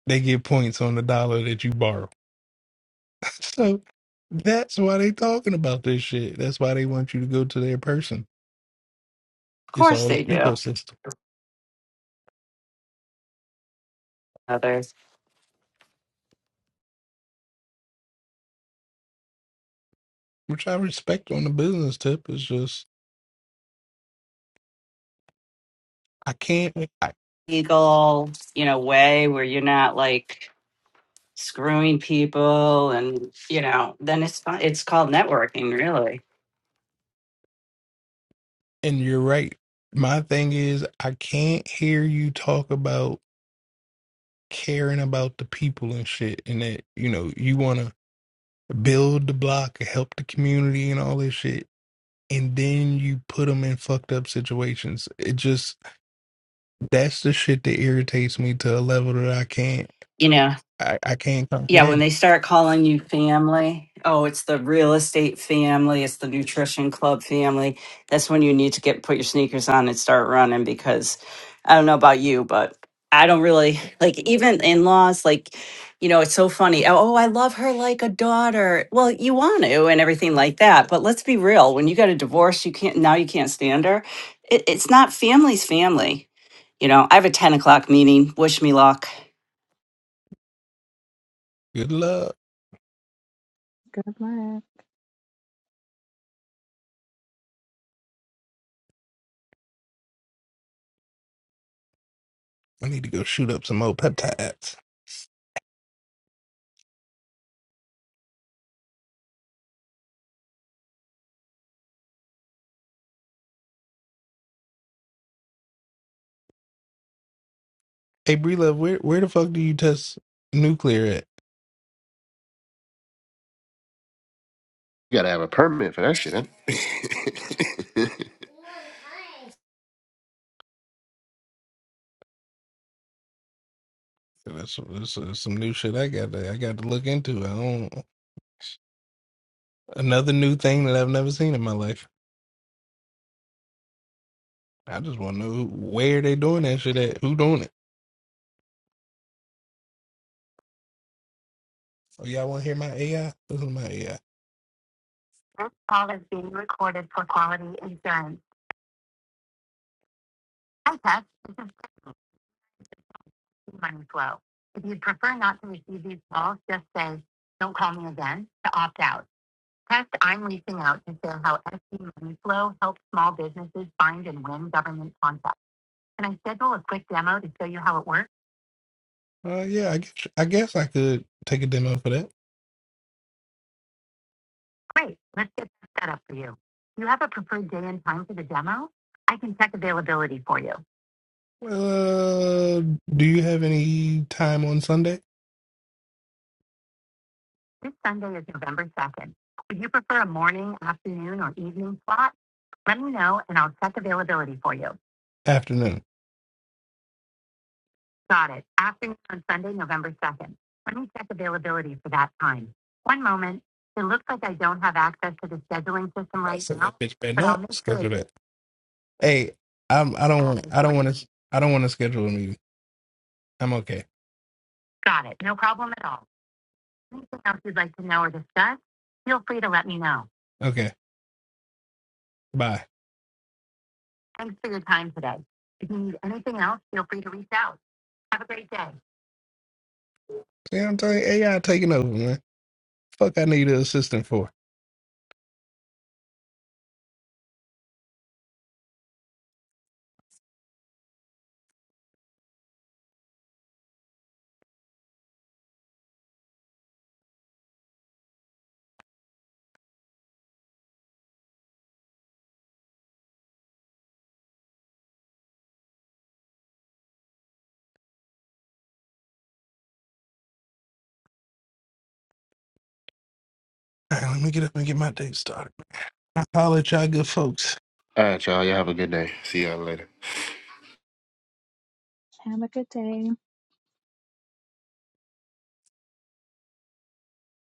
S6: They get points on the dollar that you borrow. (laughs) So that's why they talking about this shit. That's why they want you to go to their person.
S3: of
S6: It's
S3: course
S6: all the
S3: they do
S6: ecosystem,
S3: others
S6: which I respect on the business tip. It's just I can't. I,
S3: legal, you know, way where you're not like screwing people and, you know, then it's fine. It's called networking, really.
S6: and you're right. My thing is I can't hear you talk about caring about the people and shit, and that you know you want to build the block, help the community, and all this shit. And then you put them in fucked up situations. It just that's the shit that irritates me to a level that I can't.
S3: you know.
S6: I, I can't
S3: Yeah, when
S6: comprehend.
S3: they start calling you family, oh, it's the real estate family, it's the nutrition club family. That's when you need to get put your sneakers on and start running because I don't know about you, but I don't really (laughs) like even in laws, like, you know, it's so funny. Oh, I love her like a daughter. Well, you want to and everything like that. But let's be real when you got a divorce, you can't, now you can't stand her. It, it's not family's family. You know, I have a 10 o'clock meeting. Wish me luck.
S6: Good luck.
S10: good luck.
S6: I need to go shoot up some more peptides. Hey, Bree Love, where where the fuck do you test nuclear at?
S12: You gotta have a permit for that shit. Huh? (laughs)
S6: That's, that's, that's some new shit I got to I got to look into. I don't another new thing that I've never seen in my life. I just want to know who, where they doing that shit at. Who doing it? Oh, y'all want to hear my AI? This is my AI. This call is being recorded for quality insurance. Hi, Tess. This is Money Flow. If you'd prefer not to receive these calls, just say, "Don't call me again" to opt out. Next, I'm reaching out to share how SB Money Flow helps small businesses find and win government contracts. Can I schedule a quick demo to show you how it works? Uh, yeah, I guess I guess I could take a demo for that. Great. Let's get that set up for you. Do you have a preferred day and time for the demo? I can check availability for you. Uh, do you have any time on Sunday? This Sunday is November 2nd. Would you prefer a morning, afternoon, or evening slot? Let me know and I'll check availability for you. Afternoon. Got it. Afternoon on Sunday, November 2nd. Let me check availability for that time. One moment. It looks like I don't have access to the scheduling system right said now, bitch better but no, I'll sure schedule it's Hey, I'm. I don't want. I don't want to. I don't want to schedule a meeting. I'm okay. Got it. No problem at all. Anything else you'd like to know or discuss, feel free to let me know. Okay. Bye. Thanks for your time today. If you need anything else, feel free to reach out. Have a great day. Yeah, I'm telling you, AI taking over, man. Fuck, I need an assistant for. All right, let me get up and get my day started. I holler at y'all good folks.
S12: All right, y'all. Y'all have a good day. See y'all later.
S10: Have a good day.